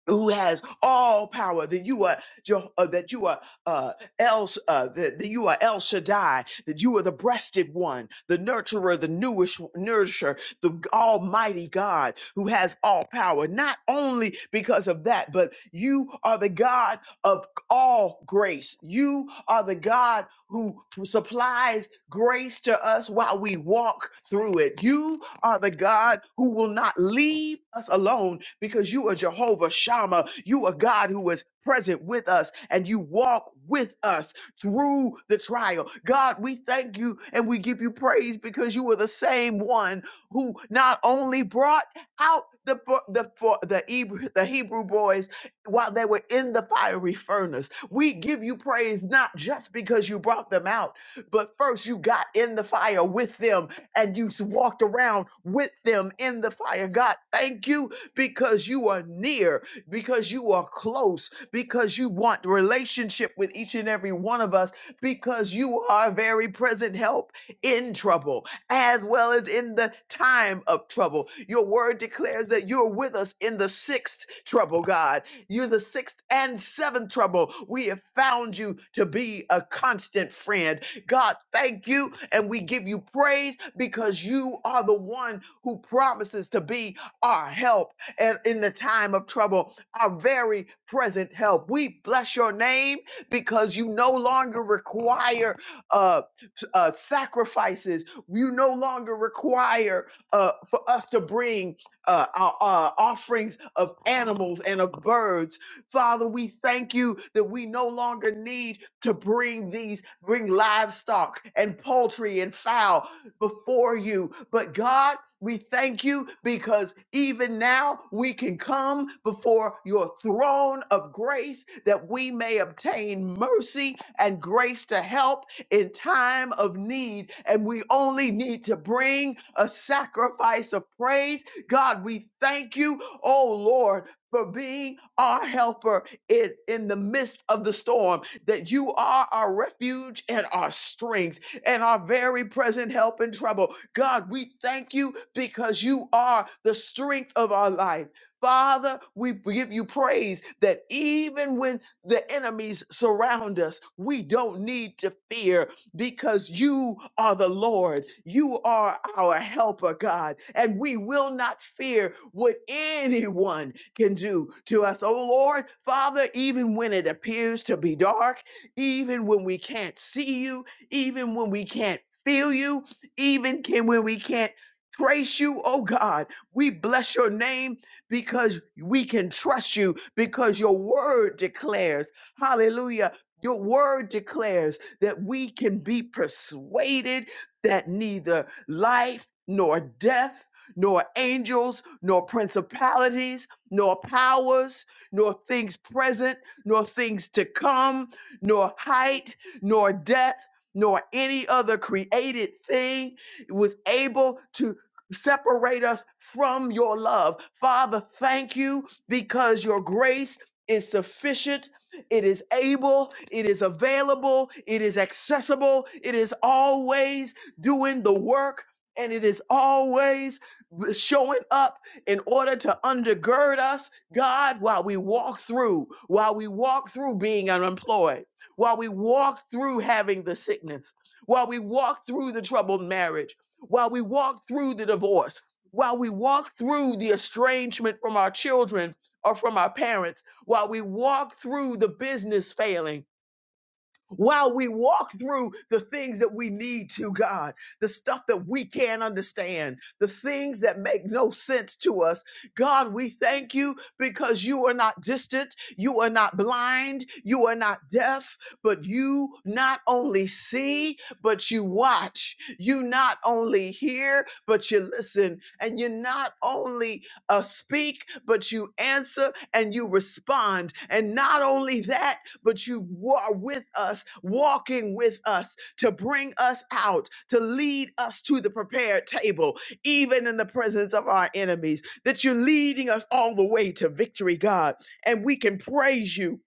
S7: who has all power that you are Jeho- uh, that you are uh, El uh, that, that you are El Shaddai that you are the breasted one the nurturer the newish nourisher the almighty God who has all power not only because of that but you are the God of all grace you are the God who supplies grace to us while we walk through it you are the God who will not leave us alone because you are Jehovah Shammah. You are God who is present with us and you walk with us through the trial. God, we thank you and we give you praise because you are the same one who not only brought out the bo- the for the Hebrew, the Hebrew boys while they were in the fiery furnace. We give you praise not just because you brought them out, but first you got in the fire with them and you walked around with them in the fire. God, thank you because you are near, because you are close, because you want relationship with each and every one of us, because you are very present help in trouble as well as in the time of trouble. Your word declares that you're with us in the sixth trouble, God. You're the sixth and seventh trouble. We have found you to be a constant friend God, thank you. And we give you praise because you are the one who promises to be our help and in the time of trouble, our very present help. We bless your name because you no longer require uh, uh, sacrifices. You no longer require uh, for us to bring uh, our, our offerings of animals and of birds Father, we thank you that we no longer need to bring these, bring livestock and poultry and fowl before you. But God, we thank you because even now we can come before your throne of grace that we may obtain mercy and grace to help in time of need. And we only need to bring a sacrifice of praise. God, we thank you, oh Lord for being our helper in, in the midst of the storm, that you are our refuge and our strength and our very present help in trouble. God, we thank you because you are the strength of our life. Father, we give you praise that even when the enemies surround us, we don't need to fear because you are the Lord. You are our helper, God, and we will not fear what anyone can do to us. Oh Lord, Father, even when it appears to be dark, even when we can't see you, even when we can't feel you, even can when we can't trace you, oh God, we bless your name because we can trust you because your word declares, hallelujah, your word declares that we can be persuaded that neither life nor death, nor angels, nor principalities, nor powers, nor things present, nor things to come, nor height, nor depth, nor any other created thing was able to separate us from your love. Father, thank you because your grace is sufficient it is able, it is available, it is accessible, it is always doing the work, and it is always showing up in order to undergird us, God, while we walk through, while we walk through being unemployed, while we walk through having the sickness, while we walk through the troubled marriage, while we walk through the divorce. While we walk through the estrangement from our children or from our parents, while we walk through the business failing, while we walk through the things that we need to, God, the stuff that we can't understand, the things that make no sense to us. God, we thank you because you are not distant, you are not blind, you are not deaf, but you not only see, but you watch. You not only hear, but you listen. And you not only uh, speak, but you answer and you respond. And not only that, but you are with us, walking with us to bring us out, to lead us to the prepared table, even in the presence of our enemies, that you're leading us all the way to victory, God. And we can praise you.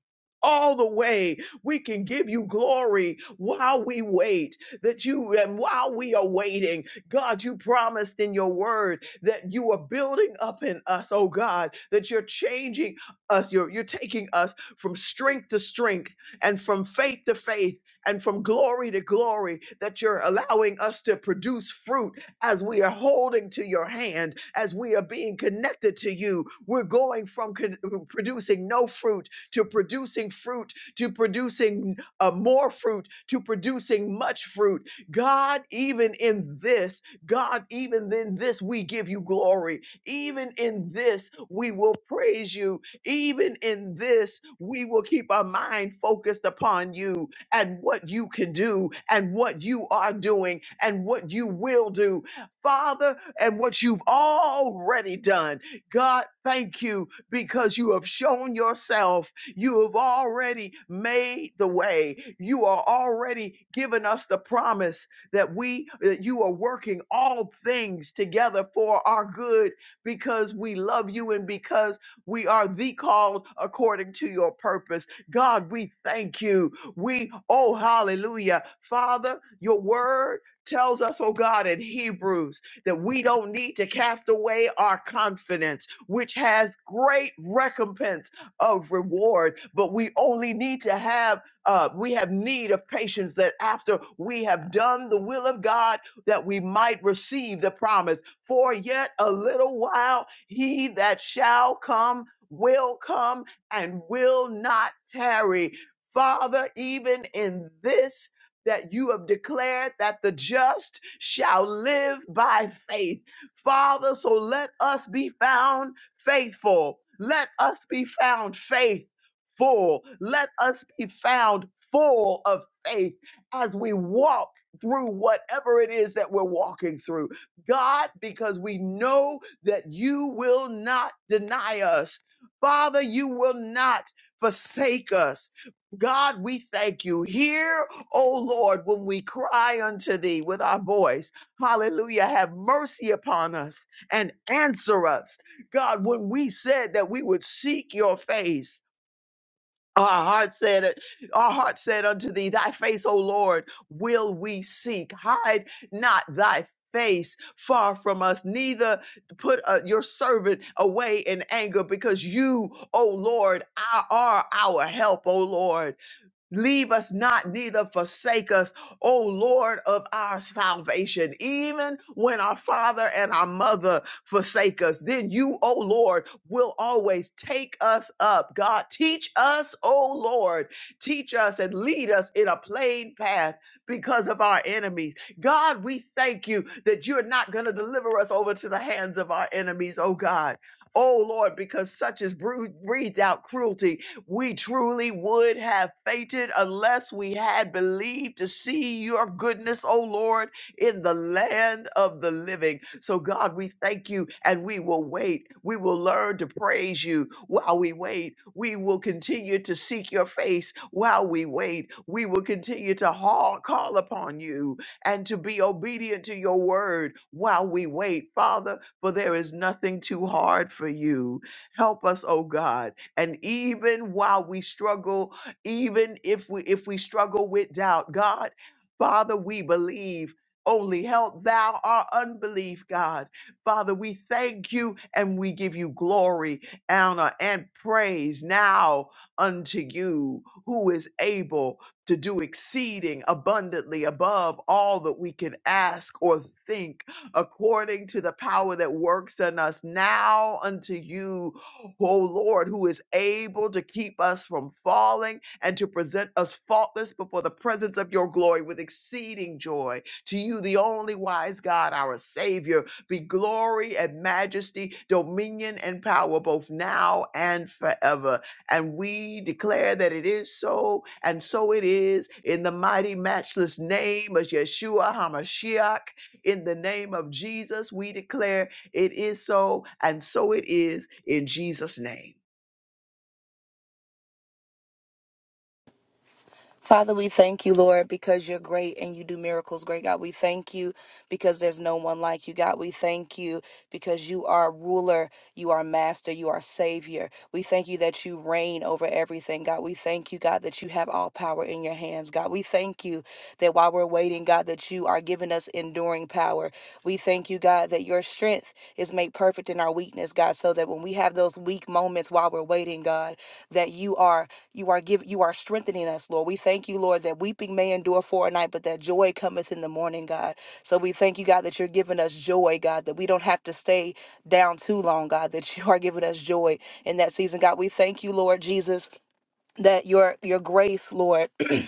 S7: All the way we can give you glory while we wait. That you and while we are waiting, God, you promised in your word that you are building up in us, oh God, that you're changing us, you're, you're taking us from strength to strength and from faith to faith and from glory to glory that you're allowing us to produce fruit as we are holding to your hand, as we are being connected to you. We're going from con- producing no fruit to producing fruit to producing uh, more fruit to producing much fruit. God, even in this, God, even in this, we give you glory. Even in this, we will praise you even in this, we will keep our mind focused upon you and what you can do and what you are doing and what you will do, Father, and what you've already done. God, thank you because you have shown yourself. You have already made the way. You are already giving us the promise that we that you are working all things together for our good because we love you and because we are the called according to your purpose. God, we thank you. We, oh, hallelujah. Father, your word tells us, oh God, in Hebrews that we don't need to cast away our confidence, which has great recompense of reward, but we only need to have, uh, we have need of patience that after we have done the will of God, that we might receive the promise. For yet a little while, he that shall come will come and will not tarry. Father, even in this, that you have declared that the just shall live by faith. Father, so let us be found faithful. Let us be found faithful. Let us be found full of faith as we walk through whatever it is that we're walking through. God, because we know that you will not deny us. Father, you will not forsake us. God, we thank you. Hear, O Lord, when we cry unto thee with our voice. Hallelujah. Have mercy upon us and answer us. God, when we said that we would seek your face, our heart said, Our heart said unto thee, Thy face, O Lord, will we seek. Hide not thy face far from us, neither put uh, your servant away in anger, because you, O Lord, are are our help, O Lord. Leave us not, neither forsake us, O Lord of our salvation. Even when our father and our mother forsake us, then you, O Lord, will always take us up. God, teach us, O Lord, teach us and lead us in a plain path because of our enemies. God, we thank you that you're not going to deliver us over to the hands of our enemies, O God. O Lord, because such is breathed out cruelty we truly would have fainted unless we had believed to see your goodness, O Lord, in the land of the living. So, God, we thank you and we will wait. We will learn to praise you while we wait. We will continue to seek your face while we wait. We will continue to haul, call upon you and to be obedient to your word while we wait, Father, for there is nothing too hard for you. Help us, O God. And even while we struggle, even if we if we struggle with doubt, God, Father, we believe. Only help thou our unbelief, God. Father, we thank you and we give you glory, honor, and praise now unto you who is able to do exceeding abundantly above all that we can ask or think according to the power that works in us now unto you oh Lord, who is able to keep us from falling and to present us faultless before the presence of your glory with exceeding joy. To you, the only wise God, our Savior, be glory and majesty, dominion and power, both now and forever. And we declare that it is so, and so it is, in the mighty, matchless name of Yeshua HaMashiach. In the name of Jesus, we declare it is so, and so it is in Jesus' name.
S8: Father, we thank you, Lord, because you're great and you do miracles, great God. We thank you because there's no one like you, God. We thank you because you are ruler, you are master, you are savior. We thank you that you reign over everything, God. We thank you, God, that you have all power in your hands, God. We thank you that while we're waiting, God, that you are giving us enduring power. We thank you, God, that your strength is made perfect in our weakness, God, so that when we have those weak moments while we're waiting, God, that you are you are giving you are strengthening us, Lord. We thank you, Lord, that weeping may endure for a night, but that joy cometh in the morning, God. So we thank you, God, that you're giving us joy, God, that we don't have to stay down too long, God, that you <laughs> are giving us joy in that season, God. We thank you, Lord Jesus, that your your grace, Lord. <clears throat>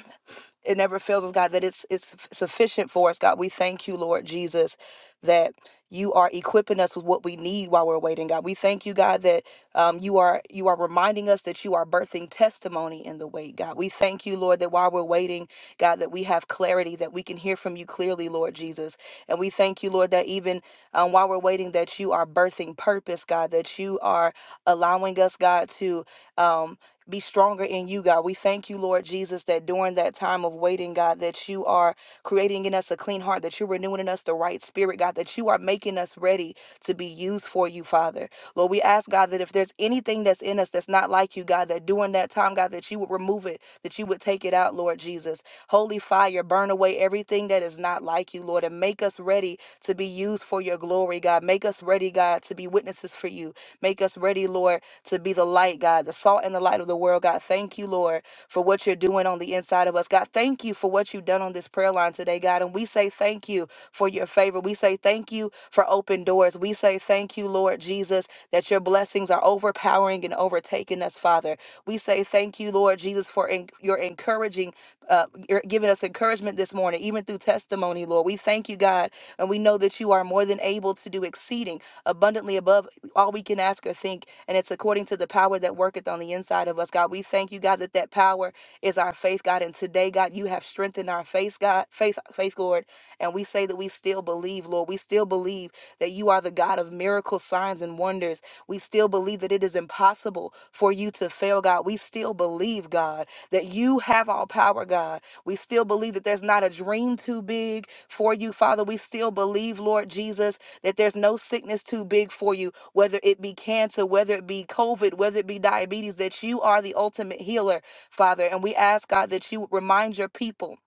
S8: it never fails us, God, that it's it's sufficient for us, God. We thank you, Lord Jesus, that you are equipping us with what we need while we're waiting, God. We thank you, God, that um, you are you are reminding us that you are birthing testimony in the wait, God. We thank you, Lord, that while we're waiting, God, that we have clarity, that we can hear from you clearly, Lord Jesus. And we thank you, Lord, that even um, while we're waiting, that you are birthing purpose, God, that you are allowing us, God, to. Um, be stronger in you, God. We thank you, Lord Jesus, that during that time of waiting, God, that you are creating in us a clean heart, that you're renewing in us the right spirit, God, that you are making us ready to be used for you, Father. Lord, we ask, God, that if there's anything that's in us that's not like you, God, that during that time, God, that you would remove it, that you would take it out, Lord Jesus. Holy fire, burn away everything that is not like you, Lord, and make us ready to be used for your glory, God. Make us ready, God, to be witnesses for you. Make us ready, Lord to be the light, God, the salt and the light of the world. God, thank you, Lord, for what you're doing on the inside of us. God, thank you for what you've done on this prayer line today, God. And we say thank you for your favor. We say thank you for open doors. We say thank you, Lord Jesus, that your blessings are overpowering and overtaking us, Father. We say thank you, Lord Jesus, for en- your encouraging, uh, your giving us encouragement this morning, even through testimony, Lord. We thank you, God, and we know that you are more than able to do exceeding abundantly above all we can ask or think, and it's according to the power that worketh on the inside of us, God. We thank you, God, that that power is our faith, God. And today, God, you have strengthened our faith, God, faith, faith, Lord. And we say that we still believe, Lord. We still believe that you are the God of miracles, signs, and wonders. We still believe that it is impossible for you to fail, God. We still believe, God, that you have all power, God. We still believe that there's not a dream too big for you, Father. We still believe, Lord Jesus, that there's no sickness too big for you whether it be cancer, whether it be COVID, whether it be diabetes, that you are the ultimate healer, Father. And we ask, God, that you would remind your people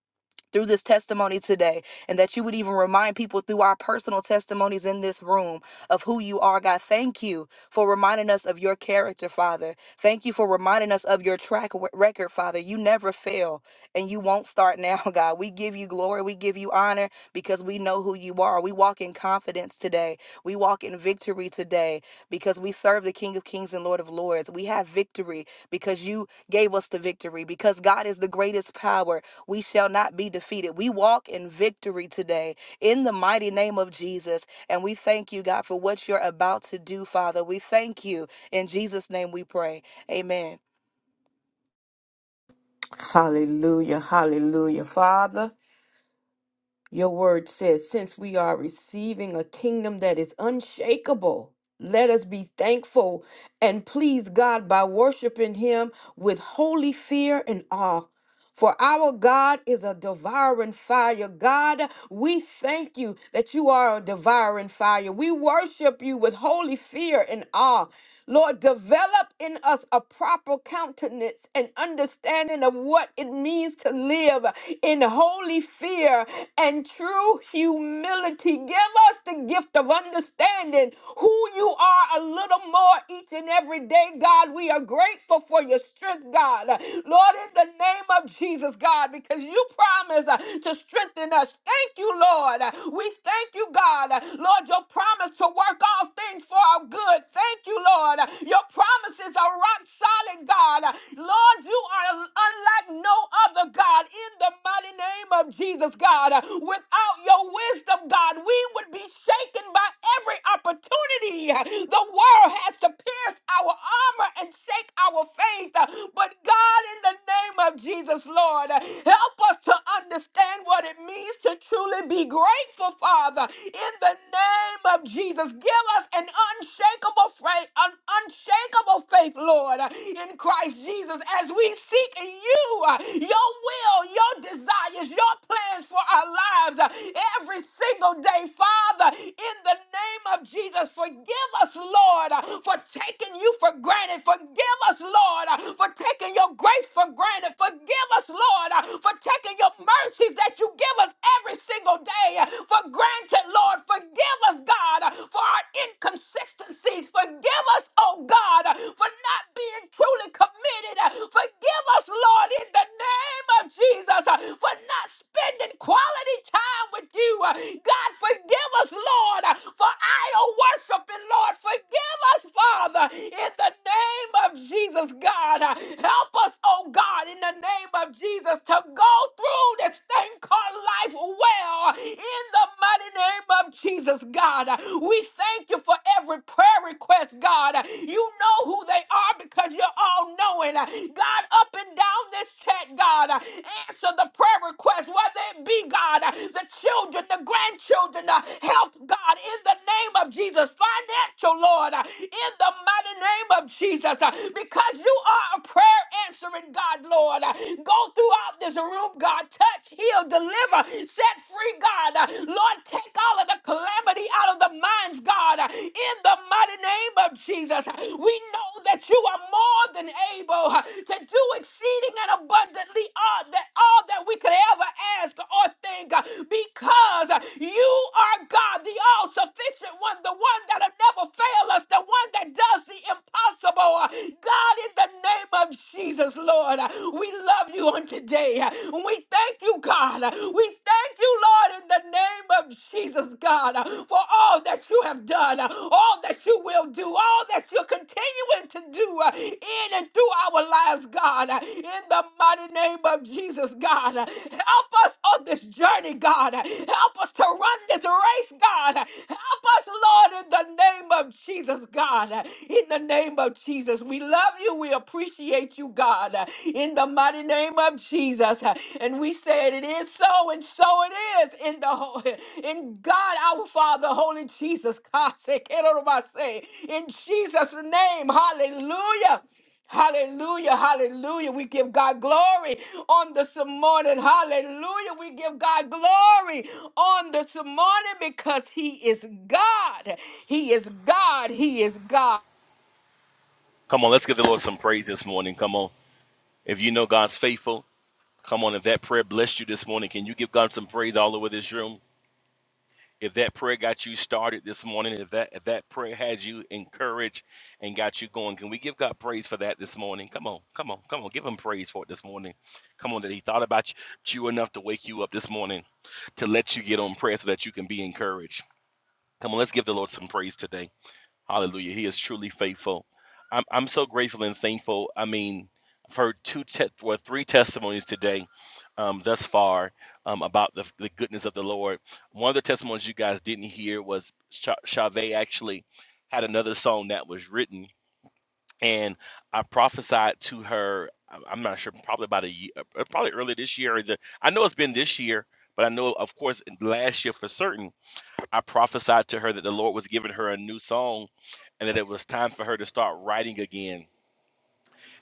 S8: through this testimony today, and that you would even remind people through our personal testimonies in this room of who you are, God. Thank you for reminding us of your character, Father. Thank you for reminding us of your track w- record, Father. You never fail, and you won't start now, <laughs> God. We give you glory, we give you honor because we know who you are. We walk in confidence today, we walk in victory today because we serve the King of Kings and Lord of Lords. We have victory because you gave us the victory, because God is the greatest power we shall not be defeated. We walk in victory today in the mighty name of Jesus. And we thank you, God, for what you're about to do, Father. We thank you. In Jesus' name we pray. Amen.
S2: Hallelujah, hallelujah. Father, Your word says, since we are receiving a kingdom that is unshakable, let us be thankful and please God by worshiping Him with holy fear and awe. For our God is a devouring fire. God, we thank you that you are a devouring fire. We worship you with holy fear and awe. Lord, develop in us a proper countenance and understanding of what it means to live in holy fear and true humility. Give us the gift of understanding who you are a little more each and every day, God. We are grateful for your strength, God. Lord, in the name of Jesus, God, because you promise uh, to strengthen us. Thank you, Lord. Uh, We thank you, God. Uh, Lord, your promise to work all things for our good. Thank you, Lord. Uh, Your promises are rock solid, God. Uh, Lord, you are unlike no other, God, in the mighty name of Jesus, God. Uh, Without your wisdom, God, we would be shaken by every opportunity uh, the world has to pierce our armor and shake our faith. Uh, But God, in in the name of Jesus, Lord. Help us to understand what it means to truly be grateful, Father. In the name of Jesus, give us an unshakable faith, an unshakable faith, Lord, in Christ Jesus, as we seek in you uh, your will, your desires, your plans for our lives uh, every single day, Father. In the name of Jesus, forgive us, Lord, uh, for taking you for granted. Forgive us, Lord, uh, for taking taking your grace for granted. Forgive us, Lord, uh, for taking your mercies that you give us every single day uh, for granted, Lord. Forgive us, God, uh, for our inconsistencies. Forgive us, oh God, uh, for not being truly committed. Uh, Forgive us, Lord, in the name of Jesus, uh, for not spending quality time with you. Uh, God, forgive us, Lord, uh, for idol worshiping. Lord, forgive us, Father, in the name of Jesus, God. God. Uh, Help us, oh God, in the name of Jesus to go through this thing called life well in the mighty name of Jesus, God. Uh, We thank you for every prayer request, God. Uh, You know who they are because you're all knowing. Uh, God, up and down this chat, God, uh, answer the prayer request, whether it be, God, uh, the children, the grandchildren, the health, God, in the name of Jesus, financial, Lord, uh, in the mighty name of Jesus, because because you are a prayer answering God, Lord. Go throughout this room, God. Touch, heal, deliver, set free, God. Lord, take all of the calamity out of the minds, God. In the mighty name of Jesus, we know that you are more than able to do exceeding and abundantly all that all that we could ever ask or think, because you are God, the all-sufficient one, the one that'll never fail us, the one that does the impossible. God, in the name of Jesus, Lord, we love you on today. We thank you, God. We thank you, Lord, in the name of Jesus, God, for all that you have done, all that you will do, all that you're continuing to do in and through through our lives, God, in the mighty name of Jesus, God. Help us on this journey, God. Help us to run this race, God. Help us, Lord, in the name of Jesus, God. In the name of Jesus, we love you. We appreciate you, God. In the mighty name of Jesus, and we said it is so, and so it is. In the ho- in God, our Father, Holy Jesus, <laughs> God, say, in Jesus' name, Hallelujah. Hallelujah, hallelujah. We give God glory on this morning. Hallelujah. We give God glory on this morning because He is God. He is God. He is God.
S4: Come on, let's give the Lord some praise this morning. Come on. If you know God's faithful, come on. If that prayer blessed you this morning, can you give God some praise all over this room? if that prayer got you started this morning, if that if that prayer had you encouraged and got you going, can we give God praise for that this morning? Come on, come on, come on, give him praise for it this morning. Come on, that he thought about you enough to wake you up this morning to let you get on prayer so that you can be encouraged. Come on, let's give the Lord some praise today. Hallelujah. He is truly faithful. I'm, I'm so grateful and thankful. I mean, I've heard two te- well, three testimonies today um, thus far um, about the, the goodness of the Lord. One of the testimonies you guys didn't hear was Sha Chavez actually had another song that was written, and I prophesied to her. I- I'm not sure, probably about a year, probably early this year. Or the, I know it's been this year, but I know, of course, last year for certain I prophesied to her that the Lord was giving her a new song and that it was time for her to start writing again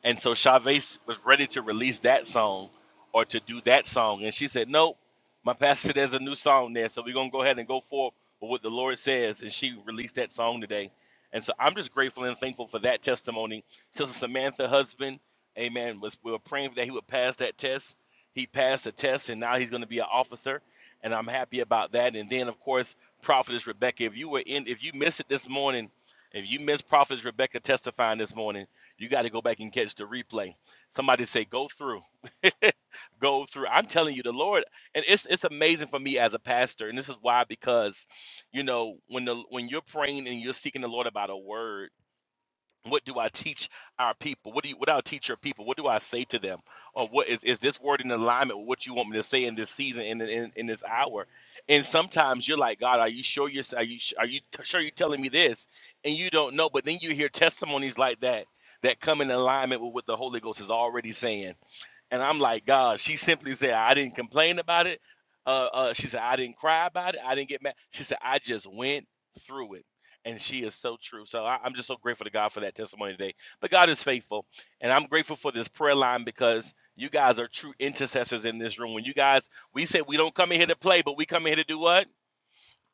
S4: and so Chavez was ready to release that song or to do that song. And she said, Nope, my pastor said there's a new song there. So we're going to go ahead and go forth with what the Lord says. And she released that song today. And so I'm just grateful and thankful for that testimony. Sister Samantha, husband, amen, was, we were praying that he would pass that test. He passed the test, and now he's going to be an officer. And I'm happy about that. And then, of course, Prophetess Rebecca, if you were in, if you missed it this morning, if you missed Prophetess Rebecca testifying this morning, you got to go back and catch the replay. Somebody say, go through, <laughs> go through. I'm telling you, the Lord, and it's it's amazing for me as a pastor, and this is why because, you know, when the when you're praying and you're seeking the Lord about a word what do I teach our people? What do you what do I teach your people? What do I say to them? Or what is is this word in alignment with what you want me to say in this season in in, in this hour? And sometimes you're like, God, are you sure you're are you are you t- sure you're telling me this? And you don't know, but then you hear testimonies like that that come in alignment with what the Holy Ghost is already saying. And I'm like, God, she simply said, I didn't complain about it. Uh, uh, she said, I didn't cry about it. I didn't get mad. She said, I just went through it. And she is so true. So I, I'm just so grateful to God for that testimony today. But God is faithful. And I'm grateful for this prayer line because you guys are true intercessors in this room. When you guys, we said we don't come in here to play, but we come in here to do what?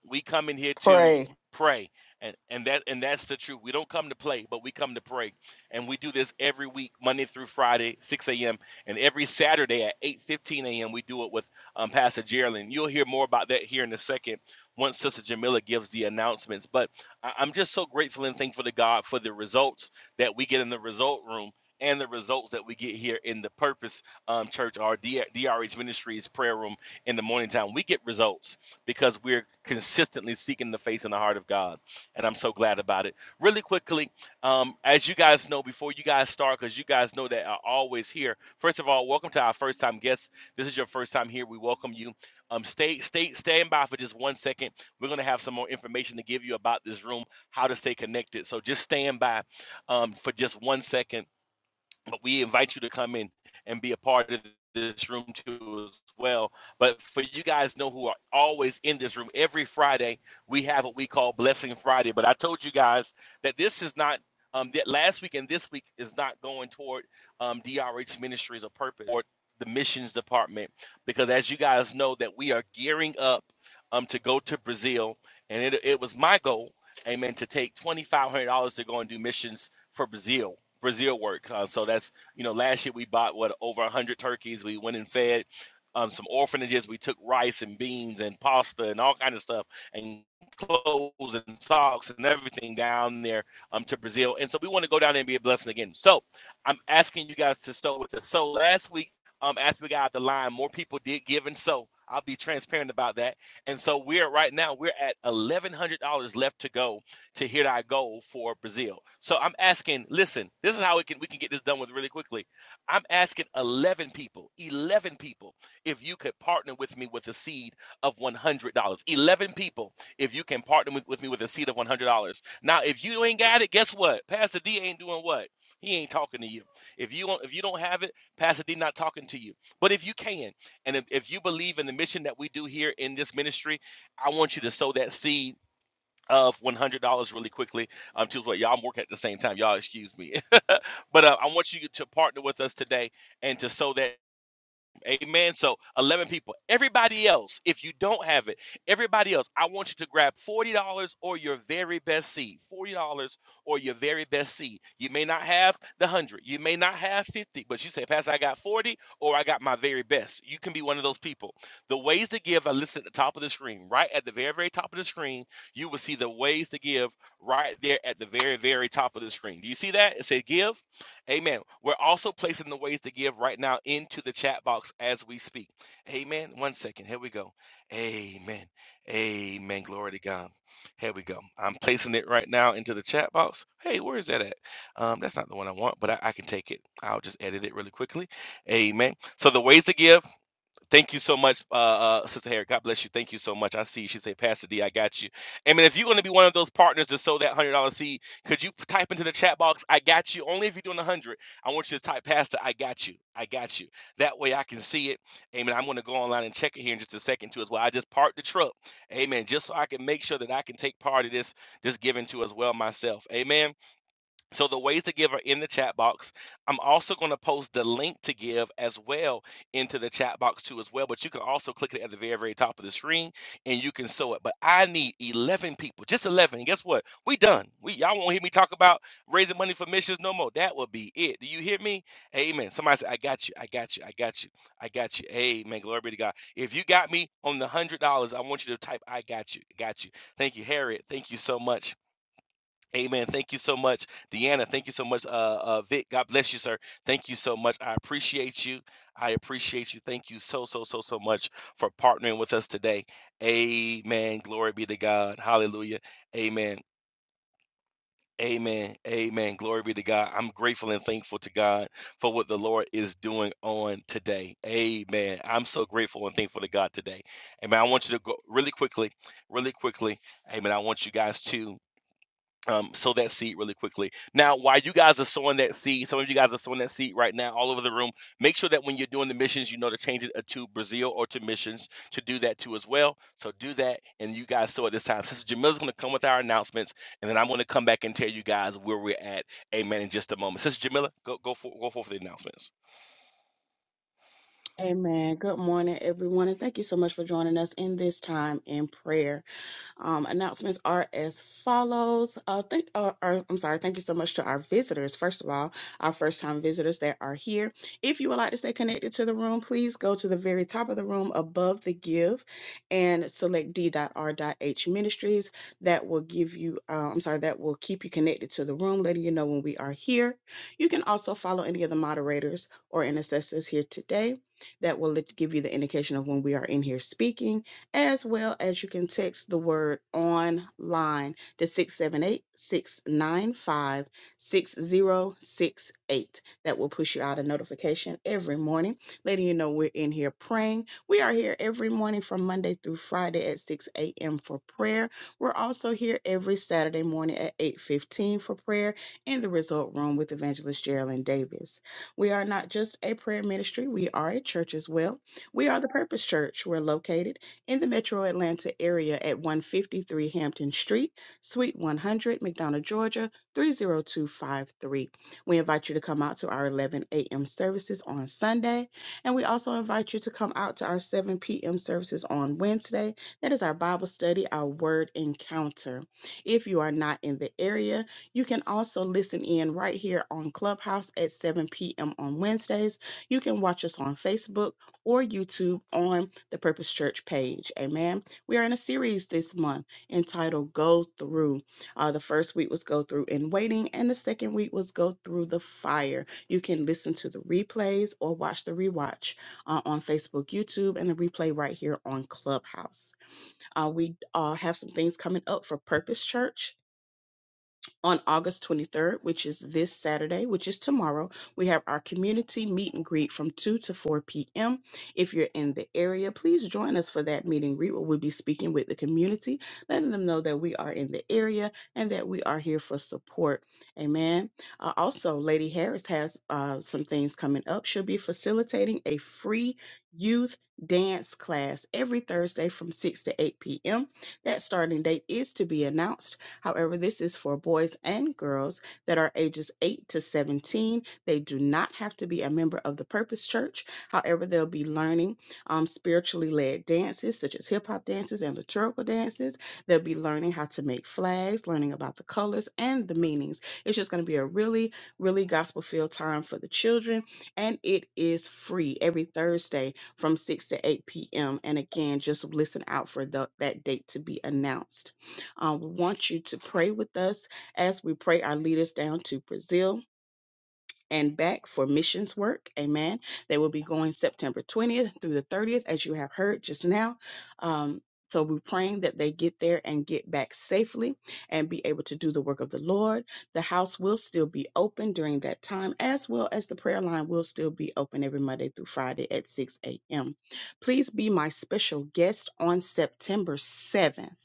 S4: we come in here to
S2: Pray.
S4: pray and and that and that's the truth we don't come to play but we come to pray and we do this every week monday through friday 6 a.m and every saturday at 8:15 a.m we do it with um, pastor geraldine you'll hear more about that here in a second once sister jamila gives the announcements but I, i'm just so grateful and thankful to god for the results that we get in the result room and the results that we get here in the purpose um, church our D- drh ministries prayer room in the morning time we get results because we're consistently seeking the face and the heart of God. And I'm so glad about it. Really quickly, um, as you guys know, before you guys start, because you guys know that are always here. First of all, welcome to our first time guests. This is your first time here. We welcome you. Um, stay, stay, stand by for just one second. We're gonna have some more information to give you about this room, how to stay connected. So just stand by um, for just one second but we invite you to come in and be a part of this room too as well. But for you guys know who are always in this room, every Friday we have what we call Blessing Friday. But I told you guys that this is not um, that last week and this week is not going toward um, DRH Ministries or purpose or the missions department because as you guys know that we are gearing up um, to go to Brazil and it, it was my goal, amen, to take twenty five hundred dollars to go and do missions for Brazil Brazil work. Uh, so that's you know last year we bought what over one hundred turkeys. We went and fed um, some orphanages. We took rice and beans and pasta and all kind of stuff and clothes and socks and everything down there um, to Brazil. And so we want to go down there and be a blessing again. So I'm asking you guys to sow with us. So last week, um, after we got out the line, more people did give and sow. I'll be transparent about that. And so we're right now we're at eleven hundred dollars left to go to hit our goal for Brazil. So I'm asking, listen, this is how we can we can get this done with really quickly. I'm asking 11 people, 11 people, if you could partner with me with a seed of $100. 11 people, if you can partner with, with me with a seed of $100. Now, if you ain't got it, guess what? Pastor D ain't doing what? He ain't talking to you. If you don't, if you don't have it, Pastor D not talking to you. But if you can, and if, if you believe in the mission that we do here in this ministry, I want you to sow that seed of one hundred dollars really quickly. Um, to what y'all I'm working at the same time. Y'all excuse me, <laughs> but uh, I want you to partner with us today and to sow that. Amen. So 11 people. Everybody else, if you don't have it, everybody else, I want you to grab $40 or your very best seed. $40 or your very best seed. You may not have the 100. You may not have 50, but you say, "Pastor, I got 40 or I got my very best." You can be one of those people. The ways to give are listed at the top of the screen. Right at the very very top of the screen, you will see the ways to give right there at the very very top of the screen. Do you see that? It says give Amen. We're also placing the ways to give right now into the chat box as we speak. Amen. One second. Here we go. Amen. Amen. Glory to God. Here we go. I'm placing it right now into the chat box. Hey, where is that at? Um, that's not the one I want, but I, I can take it. I'll just edit it really quickly. Amen. So the ways to give. Thank you so much, uh, uh, Sister Harry. God bless you. Thank you so much. I see. She said, Pastor D, I got you. Amen. If you're going to be one of those partners to sow that hundred dollar seed, could you type into the chat box, "I got you"? Only if you're doing a hundred. I want you to type, Pastor, I got you. I got you. That way I can see it. Amen. I'm going to go online and check it here in just a second too, as well. I just parked the truck. Amen. Just so I can make sure that I can take part of this, this giving to as well myself. Amen. So the ways to give are in the chat box. I'm also going to post the link to give as well into the chat box too as well. But you can also click it at the very, very top of the screen and you can sew it. But I need 11 people, just 11. And guess what? We done. We y'all won't hear me talk about raising money for missions no more. That will be it. Do you hear me? Amen. Somebody say, I got you. I got you. I got you. I got you. Amen. Glory be to God. If you got me on the one hundred dollars, I want you to type I got you. Got you. Thank you, Harriet. Thank you so much. Amen. Thank you so much, Deanna. Thank you so much, uh, uh, Vic. God bless you, sir. Thank you so much. I appreciate you. I appreciate you. Thank you so, so, so, so much for partnering with us today. Amen. Glory be to God. Hallelujah. Amen. Amen. Amen. Glory be to God. I'm grateful and thankful to God for what the Lord is doing on today. Amen. I'm so grateful and thankful to God today. Amen. I want you to go really quickly, really quickly. Amen. I want you guys to um, sow that seed really quickly. Now, while you guys are sowing that seed, some of you guys are sowing that seed right now all over the room. Make sure that when you're doing the missions, you know to change it uh, to Brazil or to missions to do that too as well. So do that, and you guys sow at this time. Sister Jamila's going to come with our announcements, and then I'm going to come back and tell you guys where we're at. Amen. In just a moment, Sister Jamila, go go for go for the announcements.
S3: Amen. Good morning, everyone, and thank you so much for joining us in this time in prayer. Um, announcements are as follows. Uh, thank, uh, uh, I'm sorry. Thank you so much to our visitors. First of all, our first time visitors that are here. If you would like to stay connected to the room, please go to the very top of the room above the give and select d.r.h ministries. That will give you, uh, I'm sorry, that will keep you connected to the room, letting you know when we are here. You can also follow any of the moderators or intercessors here today. That will let- give you the indication of when we are in here speaking as well as you can text the word online to 678 695 6068. That will push you out a notification every morning, letting you know we're in here praying. We are here every morning from Monday through Friday at 6 a.m. for prayer. We're also here every Saturday morning at 8:15 for prayer in the Result Room with Evangelist Geraldine Davis. We are not just a prayer ministry; we are a church as well. We are the Purpose Church. We're located in the metro Atlanta area at 153 Hampton Street, Suite 100, McDonough, Georgia 30253. We invite you to come out to our 11 a.m. services on Sunday, and we also invite you to come out to our 7 p.m. services on Wednesday. That is our Bible study, our word encounter. If you are not in the area, you can also listen in right here on Clubhouse at 7 p.m. on Wednesdays. You can watch us on Facebook or YouTube on the Purpose Church page. Amen. We are in a series this month entitled Go Through. Uh, the first week was Go Through in Waiting, and the second week was Go Through the Fire. You can listen to the replays or watch the rewatch uh, on Facebook, YouTube, and the replay right here on Clubhouse. Uh, we uh, have some things coming up for Purpose Church on August 23rd, which is this Saturday, which is tomorrow, we have our community meet and greet from 2 to 4 p.m. If you're in the area, please join us for that meet and greet where we'll be speaking with the community, letting them know that we are in the area and that we are here for support. Amen. Uh, also, Lady Harris has uh, some things coming up. She'll be facilitating a free youth dance class every Thursday from 6 to 8 p.m. That starting date is to be announced However, this is for boys and girls that are ages 8 to 17. They do not have to be a member of the Purpose Church. However, they'll be learning um, spiritually led dances such as hip hop dances and liturgical dances. They'll be learning how to make flags, learning about the colors and the meanings. It's just going to be a really, really gospel filled time for the children, and it is free every Thursday from 6 to 8 p.m. And again, just listen out for the, that date to be announced. Um, we want you to pray with us as we pray our leaders down to Brazil and back for missions work. Amen. They will be going September 20th through the 30th, as you have heard just now. Um, so we're praying that they get there and get back safely and be able to do the work of the Lord. The house will still be open during that time, as well as the prayer line will still be open every Monday through Friday at 6 a.m. Please be my special guest on September 7th.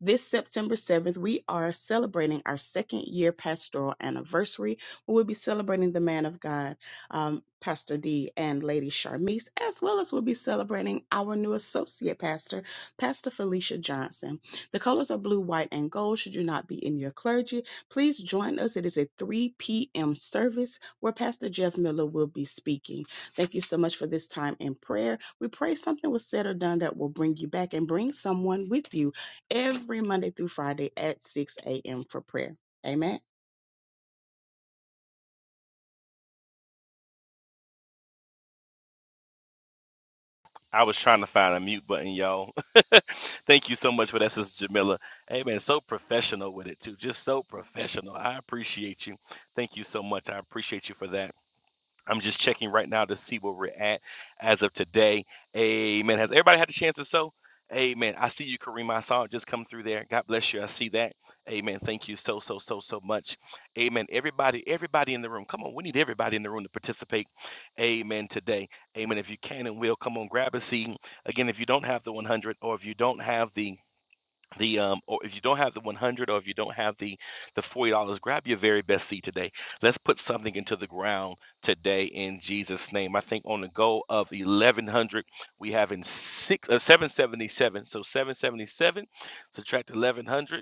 S3: This September 7th, we are celebrating our second year pastoral anniversary We'll be celebrating the man of God, um, Pastor D and Lady Charmise, as well as we'll be celebrating our new associate pastor, Pastor Felicia Johnson. The colors are blue, white, and gold. Should you not be in your clergy, please join us. It is a 3 p.m. service where Pastor Jeff Miller will be speaking. Thank you so much for this time in prayer. We pray something was said or done that will bring you back and bring someone with you every Monday through Friday at 6 a.m. for prayer. Amen.
S4: I was trying to find a mute button, y'all. <laughs> Thank you so much for that, Sister Jamila. Hey, man, so professional with it, too. Just so professional. I appreciate you. Thank you so much. I appreciate you for that. I'm just checking right now to see where we're at as of today. Amen. Has everybody had the chance to sow? Amen. I see you, Kareem. I saw it just come through there. God bless you. I see that. Amen. Thank you so, so, so, so much. Amen. Everybody, everybody in the room. Come on. We need everybody in the room to participate. Amen. Today. Amen. If you can and will, come on, grab a seat. Again, if you don't have the 100 or if you don't have the the um or if you don't have the 100 or if you don't have the the 40 dollars grab your very best seed today let's put something into the ground today in jesus name i think on the goal of 1100 we have in six uh, 777 so 777 subtract 1100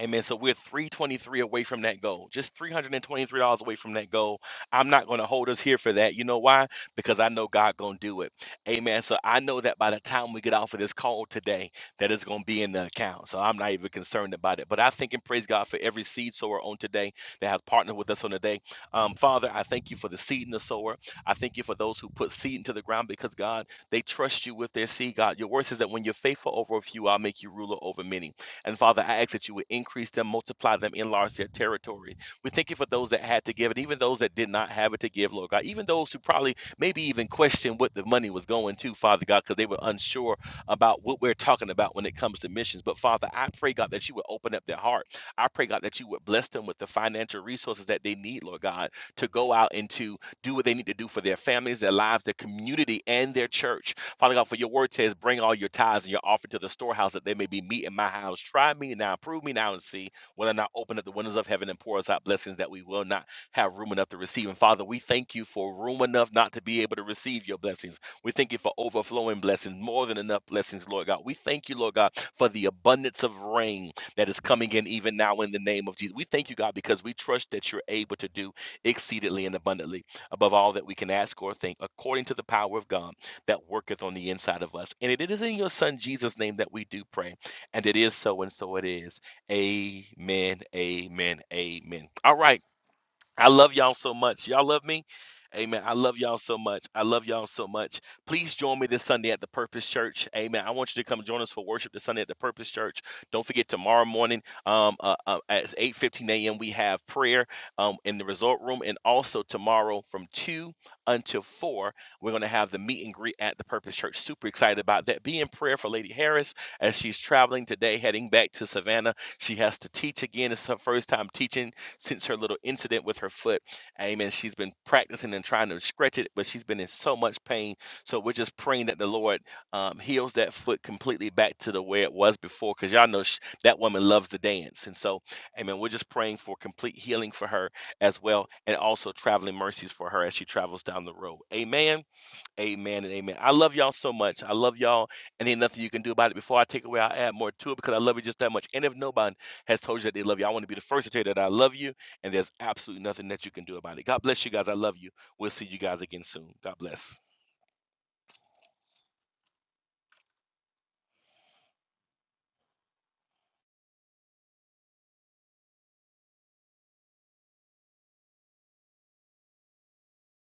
S4: Amen. So we're 323 away from that goal, just $323 away from that goal. I'm not going to hold us here for that. You know why? Because I know God going to do it. Amen. So I know that by the time we get off of this call today, that it's going to be in the account. So I'm not even concerned about it. But I thank and praise God for every seed sower on today that has partnered with us on today. Um, Father, I thank you for the seed in the sower. I thank you for those who put seed into the ground because God, they trust you with their seed, God. Your word says that when you're faithful over a few, I'll make you ruler over many. And Father, I ask that you would increase them, multiply them, enlarge their territory. We thank you for those that had to give it, even those that did not have it to give, Lord God. Even those who probably maybe even questioned what the money was going to, Father God, because they were unsure about what we're talking about when it comes to missions. But Father, I pray, God, that you would open up their heart. I pray, God, that you would bless them with the financial resources that they need, Lord God, to go out and to do what they need to do for their families, their lives, their community, and their church. Father God, for your word says, bring all your tithes and your offering to the storehouse that they may be meat in my house. Try me now, prove me now, and see whether or not open up the windows of heaven and pour us out blessings that we will not have room enough to receive. And Father, we thank you for room enough not to be able to receive your blessings. We thank you for overflowing blessings, more than enough blessings, Lord God. We thank you, Lord God, for the abundance of rain that is coming in even now in the name of Jesus. We thank you, God, because we trust that you're able to do exceedingly and abundantly above all that we can ask or think, according to the power of God that worketh on the inside of us. And it is in your Son Jesus' name that we do pray. And it is so, and so it is. Amen. Amen. Amen. All right. I love y'all so much. Y'all love me? Amen. I love y'all so much. I love y'all so much. Please join me this Sunday at the Purpose Church. Amen. I want you to come join us for worship this Sunday at the Purpose Church. Don't forget tomorrow morning um, uh, uh, at 8:15 a.m. we have prayer um, in the resort room, and also tomorrow from two until four we're going to have the meet and greet at the Purpose Church. Super excited about that. Be in prayer for Lady Harris as she's traveling today, heading back to Savannah. She has to teach again. It's her first time teaching since her little incident with her foot. Amen. She's been practicing and trying to stretch it, but she's been in so much pain. So we're just praying that the Lord um, heals that foot completely back to the way it was before, because y'all know sh that woman loves to dance. And so, amen, we're just praying for complete healing for her as well, and also traveling mercies for her as she travels down the road. Amen. Amen and amen. I love y'all so much. I love y'all, and ain't nothing you can do about it. Before I take away, I'll add more to it because I love you just that much. And if nobody has told you that they love you, I want to be the first to tell you that I love you, and there's absolutely nothing that you can do about it. God bless you guys. I love you. We'll see you guys again soon. God bless.